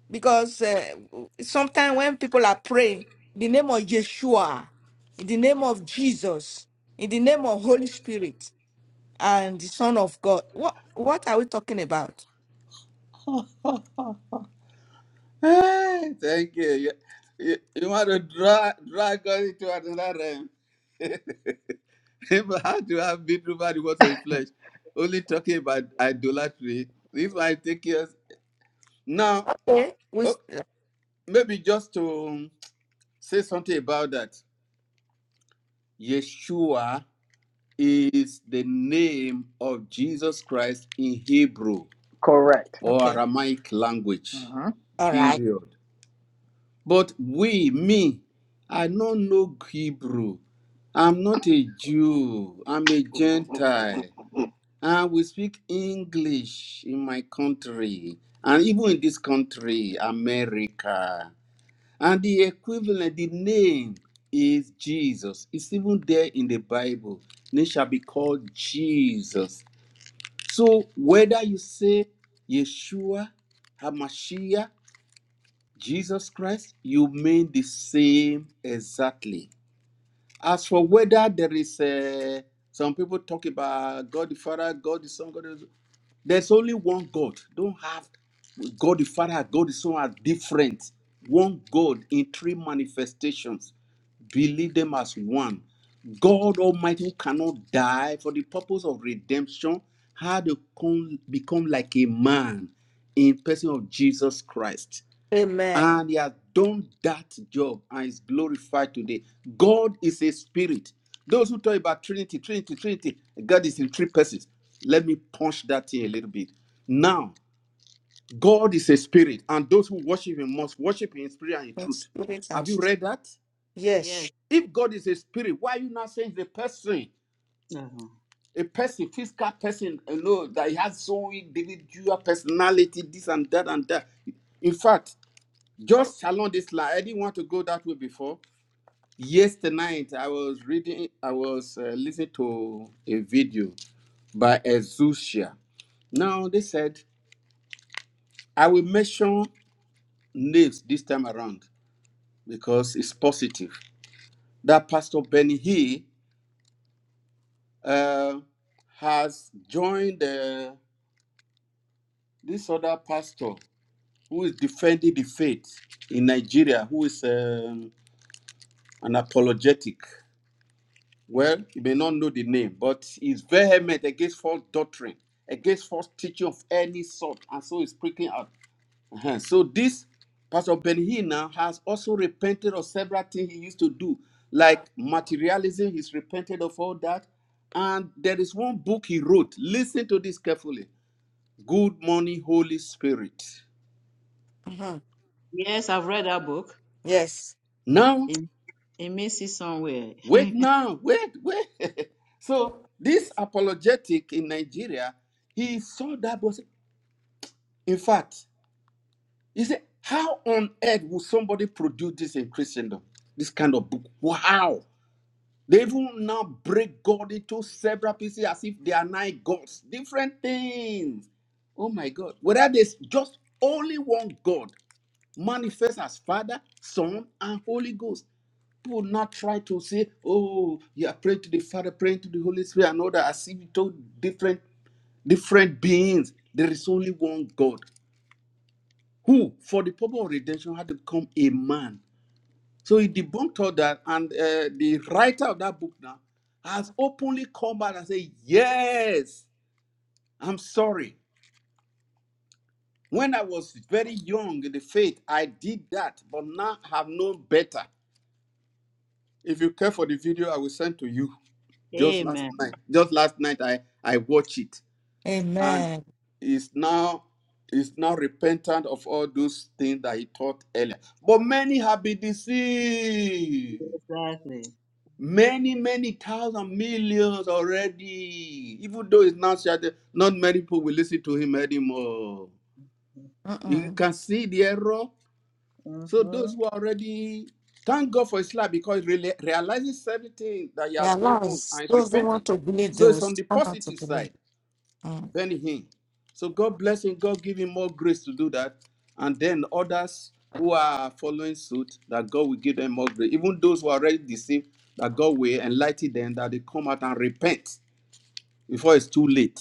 C: Because uh, sometimes when people are praying, in the name of Yeshua, in the name of Jesus, in the name of Holy Spirit, and the Son of God, what, what are we talking about?
A: Hey, thank you. You, you, you want to drag, drag us into another realm. But How do I beat nobody water in flesh? Only talking about idolatry. This might take years. Now,
C: Okay. We,
A: oh,
C: s-
A: maybe just to say something about that. Yeshua is the name of Jesus Christ in Hebrew
E: Correct.
A: or
C: okay.
A: Aramaic
E: Uh
A: language.
E: huh.
C: All right.
A: Period. But we, me, I no know Hebrew. I'm not a Jew. I'm a Gentile. And we speak English in my country. And even in this country, America. And the equivalent, the name is Jesus. It's even there in the Bible. They shall be called Jesus. So whether you say Yeshua, Hamashiach, Jesus Christ, you mean the same exactly. As for whether there is a, some people talk about God the Father, God the Son, God the, there's only one God. Don't have God the Father, God the Son are different. One God in three manifestations. Believe them as one. God Almighty who cannot die for the purpose of redemption had to come, become like a man in person of Jesus Christ
C: Amen.
A: and he has done that job and is glorified today. God is a spirit. Those who talk about Trinity, Trinity, Trinity, God is in three persons. Let me punch that here a little bit. Now, God is a spirit, and those who worship Him must worship Him in spirit and in
C: Yes.
A: truth.
C: Spirit
A: Have
C: and
A: you read that?
B: Yes.
C: yes.
A: If God is a spirit, why are you not saying the person,
B: Uh-huh.
A: a person, physical person, you know, that he has so individual personality, this and that and that? In fact, just along this line, I didn't want to go that way before. Yesterday night, I was reading, I was uh, listening to a video by Azusia. Now, they said, I will mention names this time around because it's positive. That Pastor Benny Hinn uh, has joined uh, this other pastor who is defending the faith in Nigeria, who is um, an apologetic. Well, you may not know the name, but he's vehement against false doctrine, against false teaching of any sort, and so he's speaking out. Uh-huh. So this Pastor Ben now has also repented of several things he used to do, like materialism. He's repented of all that, and there is one book he wrote. Listen to this carefully. Good morning, Holy Spirit.
C: Mhm.
B: Yes, I've read that book.
C: Yes.
A: Now,
B: It, it means it somewhere.
A: wait, now, wait, wait. So this apologetic in Nigeria, he saw that was in fact. He said, How on earth will somebody produce this in Christendom? This kind of book. Wow. They will now break God into several pieces as if they are nine gods. Different things. Oh my God. Whether there's just only one God manifest as Father, Son, and Holy Ghost. People not try to say, Oh, you are praying to the Father, praying to the Holy Spirit, and all that as if you told different different beings. There is only one God who, for the purpose of redemption, had to become a man. So he debunked all that, and uh, the writer of that book now has openly come back and said, Yes, I'm sorry. When I was very young in the faith, I did that, but now I have known better. If you care for the video, I will send to you. Just last
B: Amen.
A: night, just last night, I I watched it. and
C: Amen.
A: is now is now repentant of all those things that he taught earlier. But many have been deceived.
B: Exactly.
A: Many, many thousand millions already. Even though it's not shouted, not many people will listen to him anymore. You
C: Mm-mm.
A: can see the error. So those
B: Mm-hmm.
A: who are already thank God for Islam because it really realizes everything that you
C: Yeah,
A: have done wrong and
C: lies.
A: is
C: those who
A: repenting.
C: want to believe,
A: So
C: they will
A: it's on the
C: stand out to
A: positive
C: believe.
A: side.
C: Mm.
A: Benny Hinn. So God bless him. God give him more grace to do that. And then others who are following suit, that God will give them more grace. Even those who are already deceived, that God will enlighten them, that they come out and repent before it's too late.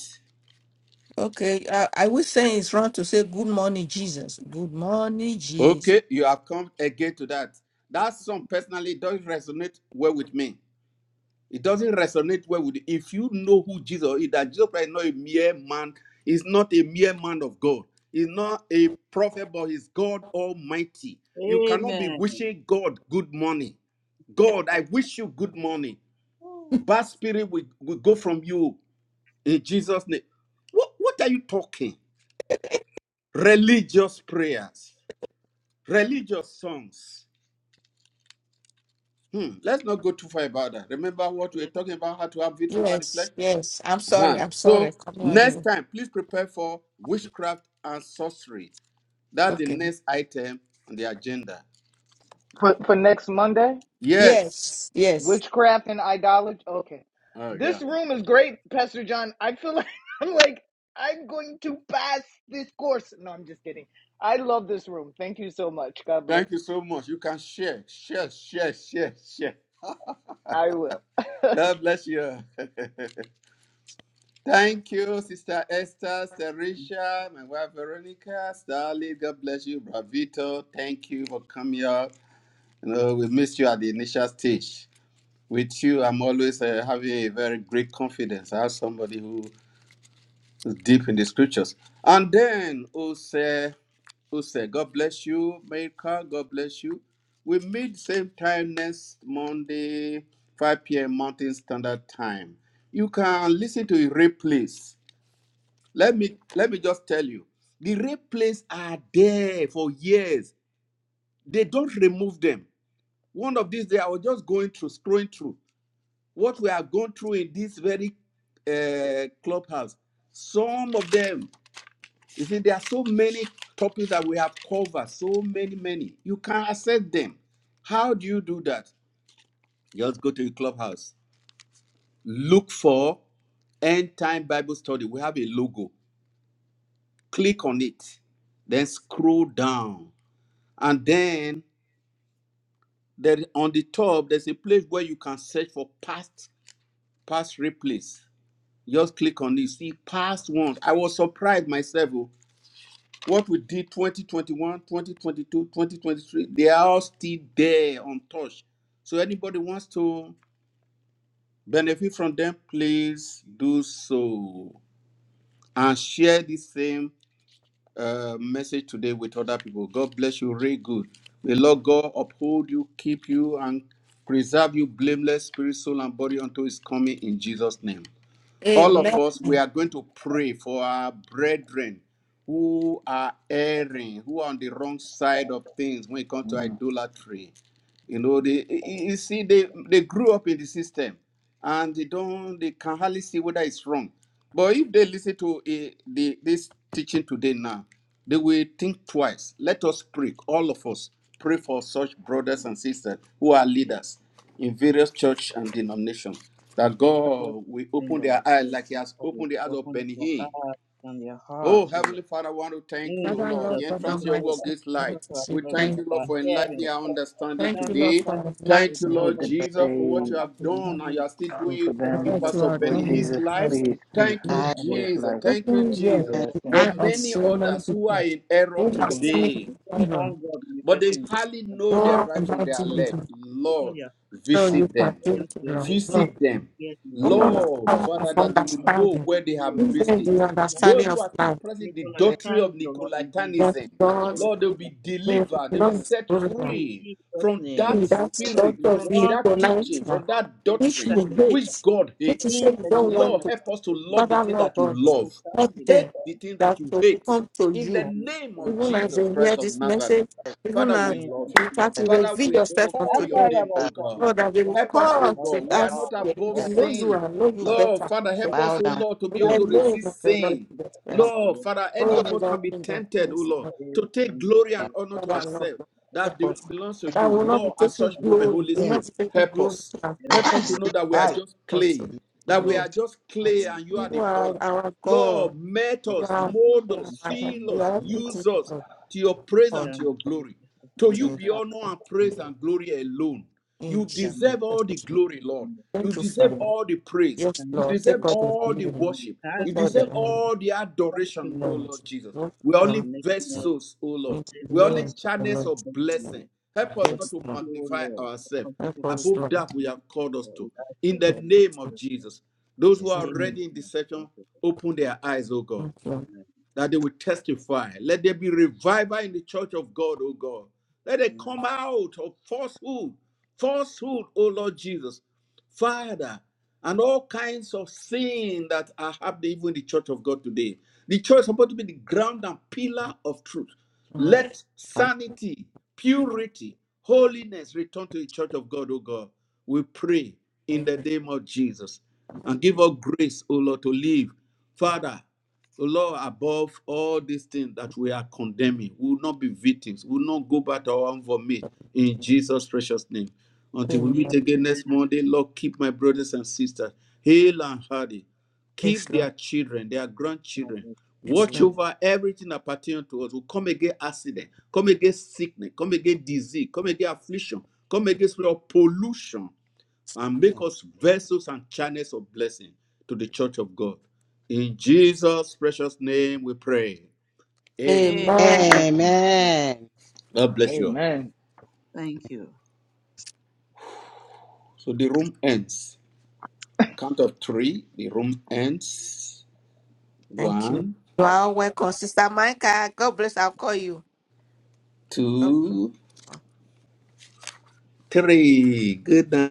C: Okay, I, I will say it's wrong to say good morning, Jesus. Good morning, Jesus.
A: Okay, you have come again to that. That song personally doesn't resonate well with me. It doesn't resonate well with you if you know who Jesus is, that Jesus Christ is not a mere man, he's not a mere man of God, he's not a prophet, but he's God Almighty. You cannot be
B: Amen.
A: wishing God good morning. God, I wish you good morning. Bad spirit will, will go from you in Jesus' name. What, what are you talking? Religious prayers, religious songs. Hmm, let's not go too far about that. Remember what we were
B: Yes,
A: talking about, how to have victory over the flesh?
C: Yes, yes. I'm sorry.
A: Huh.
C: I'm sorry.
A: So
C: Come on,
A: next
C: dear.
A: time, please prepare for witchcraft and sorcery. That's the
C: Okay.
A: next item on the agenda.
E: For for next Monday,
A: Yes.
C: Yes, yes.
E: witchcraft and idolatry. Okay,
A: Oh yeah.
E: this room is great, Pastor John. I feel like I'm like I'm going to pass this course. No, I'm just kidding. I love this room. Thank you so much. God bless.
A: Thank you so much. You can share, share, share, share, share.
E: I will.
A: God bless you. Thank you, Sister Esther, Serisha, my wife Veronica, Starly. God bless you, Bravito. Thank you for coming up. You know, we missed you at the initial stage. With you, I'm always uh, having a very great confidence. I have somebody who deep in the scriptures. And then Ose, Ose, God bless you, maker. God bless you. We meet same time next Monday, 5 p.m. Mountain Standard Time. You can listen to the replays. Let me let me just tell you, the replays are there for years. They don't remove them. One of these days, I was just going through, scrolling through what we are going through in this very uh, clubhouse. Some of them you see, there are so many topics that we have covered, so many, many. You can access them. How do you do that? Just go to your clubhouse. Look for End Time Bible Study. We have a logo. Click on it. Then scroll down. And then there on the top, there's a place where you can search for past past replays. Just click on this. See past ones. I was surprised myself. oh. What we did 2021, 2022, 2023, they are all still there untouched. So anybody wants to benefit from them, please do so. And share this same uh, message today with other people. God bless you really good. May Lord God uphold you, keep you, and preserve you blameless, spirit, soul, and body until his coming in Jesus' name. all of
C: Amen.
B: it
A: us, we are going to pray for our brethren who are erring, who are on the wrong side of things when it comes to idolatry. You know, they you you see they they grew up in the system, and they don't they can hardly see whether it's wrong. But if they listen to eh, the this teaching today now, they will think twice. Let us pray, all of us pray for such brothers and sisters who are
B: is
A: leaders in various church and denominations. That
B: covered
A: God will
B: in
A: open
B: the Lord.
A: their eyes like He has opened the eyes of
B: Open
A: Benny
B: your eyes
A: Hinn
B: and your
A: Oh,
B: heart, O Lord.
A: Heavenly Father, I want to thank
B: In
A: you,
C: Father,
B: Jesus,
A: Lord.
C: Lord,
A: The
C: God
A: entrance
B: we
A: of your
C: Almighty,
B: pray
A: word
C: I
B: that
A: gives
B: the
A: light.
C: want
B: talk
C: to
B: our
C: say
A: We
B: children,
C: thank
A: thank
C: you.
B: that
A: you, Lord,
B: our
A: for enlightening
B: hearing,
A: our
B: that
A: understanding
B: our
C: Thank you, Lord,
A: today.
B: understanding,
C: for
A: Thank
B: that
A: you,
E: we
C: enlightening
B: their
E: hope
A: Lord
E: that
B: friends,
A: Jesus,
B: that
A: for
B: our
A: what
E: they
A: you
B: heart
A: have
B: to
A: done
C: me
A: and you
B: receive,
A: are still
E: done for
A: doing
B: to
C: for
B: have
A: in
E: them,
C: what you
A: Pastor
C: are
E: Lord
A: Benny
B: understanding,
C: doing in
B: to
A: his
E: Jesus,
B: have
C: our
A: life.
C: lives.
E: please,
B: revelation,
C: Lord.
B: to
A: Thank you,
C: Lord,
B: the
D: I
E: in
B: word
E: this
B: of
A: Jesus.
B: God,
E: life.
A: Thank
B: that
A: you,
B: we are
C: Open
E: They
C: yet
A: Jesus,
B: seeing
D: am
E: ask
B: God
C: the
A: for
E: them,
C: eye of
B: manifesting
A: many
C: so
B: in
C: many
A: others
B: the
A: who
C: people.
A: are in error
B: Not
C: We
B: to
E: you
C: are
B: the
E: can,
B: person,
C: seeing
A: today
B: just one
C: know?
B: God
A: but they
B: manifesting into the
A: hardly know their
C: Lord,
A: right from
C: about
A: their
C: you, you
A: left.
C: can
B: person.
A: Lord,
C: show
D: for
C: you
A: visit
C: can
A: them.
C: do
B: Deus
C: it, Lord.
B: violais los
C: Lord,
A: Visit them.
B: confía en
C: oh Lord,
B: oro.
C: the
A: Lord,
C: power of
A: Father,
B: Luego que
A: that they
B: te
A: will know
B: capita
C: understanding.
B: un
A: where they have
B: cielo,
C: Give
B: con
A: missed
C: them
B: tu
A: it.
B: vas
C: the
B: a madre,
C: understanding
A: Those who
C: of
A: are still
C: life.
B: me
A: pressing the
D: the-
A: doctrine
B: conectando
A: of
B: lo en Jesus.
C: That
A: Nicolaitanism,
C: God
B: Oro
A: Lord, they'll
C: will
B: que
A: be
B: te
C: not
B: capita.
A: delivered, they'll be set
C: grow
B: In
A: free
B: Jesus'
A: from
B: name,
A: that
B: we
C: That's
B: put up
A: spirit,
C: God
B: the
C: of
A: from
C: the
B: wrong
A: that
B: things,
C: tonight,
A: teaching,
C: now.
A: from
B: wrong
A: that
B: and
C: which
A: doctrine,
C: you
B: family.
A: which
C: hate,
A: God
C: which you
A: hates.
C: say
B: In
C: you
B: the
C: don't
B: name
C: want
A: Lord,
B: of
C: to.
B: our
A: help us to
B: Lord
A: love
B: Jesus,
A: the
C: Father,
A: thing
C: Lord
A: that you
C: God,
B: it will
A: love,
B: come
C: help
B: to us
A: hate
C: them
A: the
B: and
A: thing
C: that
A: that you
C: will
A: hate.
C: come to
A: In the
C: you.
B: come
A: name of
C: Even
B: to
C: as
B: us.
A: Jesus
C: they hear
A: Christ of
C: this
A: Nazareth.
C: message, even
A: Father, we
C: as
B: Then we
A: love you.
C: you
B: can
C: try to
A: Father,
C: reveal
A: we
B: it
C: yourself
B: will
A: extol
C: unto
B: come
A: your
B: to
C: them.
A: name,
B: us
A: O
B: and
A: God.
C: Lord,
B: come
C: I
B: to us.
C: will
A: Help us, O
C: call
B: That's
C: to
A: God. We are
C: us.
A: not
B: all, of us,
C: We
A: above
B: all of
C: know you
A: sin.
C: and know you
A: Lord,
C: better.
A: Father, help
C: In
A: us,
D: bow
A: O
D: down.
A: Lord, to be
D: to
A: able
D: me,
C: the
A: to
B: us.
C: name of
A: resist
C: the Lord
B: Thank
A: sin.
B: you
C: Jesus
B: Lord,
C: Christ.
B: for
A: Lord,
B: making
A: Father, any
C: Oh,
D: oh
B: us
A: of us
B: what
A: can
C: Lord,
A: be
C: King of
A: tempted, O
C: Kings,
A: Lord,
C: Lord,
B: we
A: to
B: are.
A: take
B: Thank
A: glory and
B: you
A: honor
D: God.
A: to
C: Father, Lord,
A: ourselves
C: God,
A: that
C: help
A: be-
C: us.
A: belongs to
C: That
A: you.
C: will
B: Lord,
C: not
B: for
C: be
A: Lord,
B: the
A: at
C: taking
A: such
B: people who
A: moment,
C: glory.
A: Holy
C: We will
D: Amen.
C: not
A: Spirit,
C: be taking
A: help
C: glory
A: us.
C: to ourselves,
A: Help us to know that we are
C: but to,
D: Like,
A: just
C: but to,
A: clay,
C: to
A: that we are
C: know
A: just clay
C: that
A: and you are
C: you
A: the
C: are
A: potter.
C: our God.
A: Lord, melt
C: You
A: us,
C: are
A: mold
C: you are
A: us,
C: our help.
A: fill
C: You
A: us,
C: are everything
A: use
C: to
A: us
C: us.
A: to your praise and
C: God,
A: to your glory. To
C: to-
A: you
C: to-
A: be
D: uh,
A: honor and praise and glory alone.
C: In
A: You
C: Jesus' name.
A: deserve all the glory, Lord. You
C: Thank you,
A: deserve
C: Father.
A: all the praise.
C: Yes,
A: You
C: Lord,
A: deserve
C: take all the
A: all the
C: glory,
A: worship. You
C: take all the
A: deserve
C: honor,
A: all the adoration, O
C: Lord. Yes,
A: Lord Jesus.
C: Lord,
A: We're
C: in
A: only vessels, O Lord.
C: the
A: We're
C: name
A: only
C: of the
A: channels
C: Lord
A: of
C: Jesus.
A: blessing. Help us not
C: Yes,
A: to
C: Lord,
A: magnify ourselves
C: help us,
A: above
C: Lord.
A: that we have called us to. In the
C: Help
A: name
C: us,
A: of Jesus, those who are
B: have
C: Lord.
A: already in this
B: come
A: session,
B: to
A: open
B: support
A: their
B: us.
A: eyes, O God
C: Thank you,
B: Amen.
A: that they will
C: Yes,
A: testify. Let there be revival in the church of God, O God. Let it
B: Amen.
A: come out of falsehood, falsehood, O Lord Jesus. Father, and all kinds of sin that are happening even in the church of God today. The church is supposed to be the ground and pillar of truth.
C: Lord.
A: Let sanity, purity, holiness return to the church of God, O God. We pray in the name of Jesus and give us grace, O Lord, to live. Father, so, Lord, above all these things that we are condemning, we will not be victims. We will not go back to our own vomit in Jesus' precious name. Until we
C: Amen.
A: meet
B: Amen.
A: again next Monday, Lord, keep my brothers and sisters hale and hearty.
C: Yes,
A: Keep
C: Lord.
A: their children, their grandchildren.
C: Yes,
A: Watch
C: Lord.
B: Amen.
A: over everything that pertains to us. We come against accident, come against sickness, come against disease, come against affliction, come against spirit of pollution and make us vessels and channels of blessing to the church of God. In Jesus' precious name we pray. Amen.
C: Amen.
B: Amen.
A: God bless you. all.
E: amen.
B: Thank you.
A: So the room ends. Count of three. The room ends.
C: Thank you.
A: One,
C: You are welcome, Sister Micah. God bless. I'll call you. God
A: two,
C: bless.
A: three. Good night.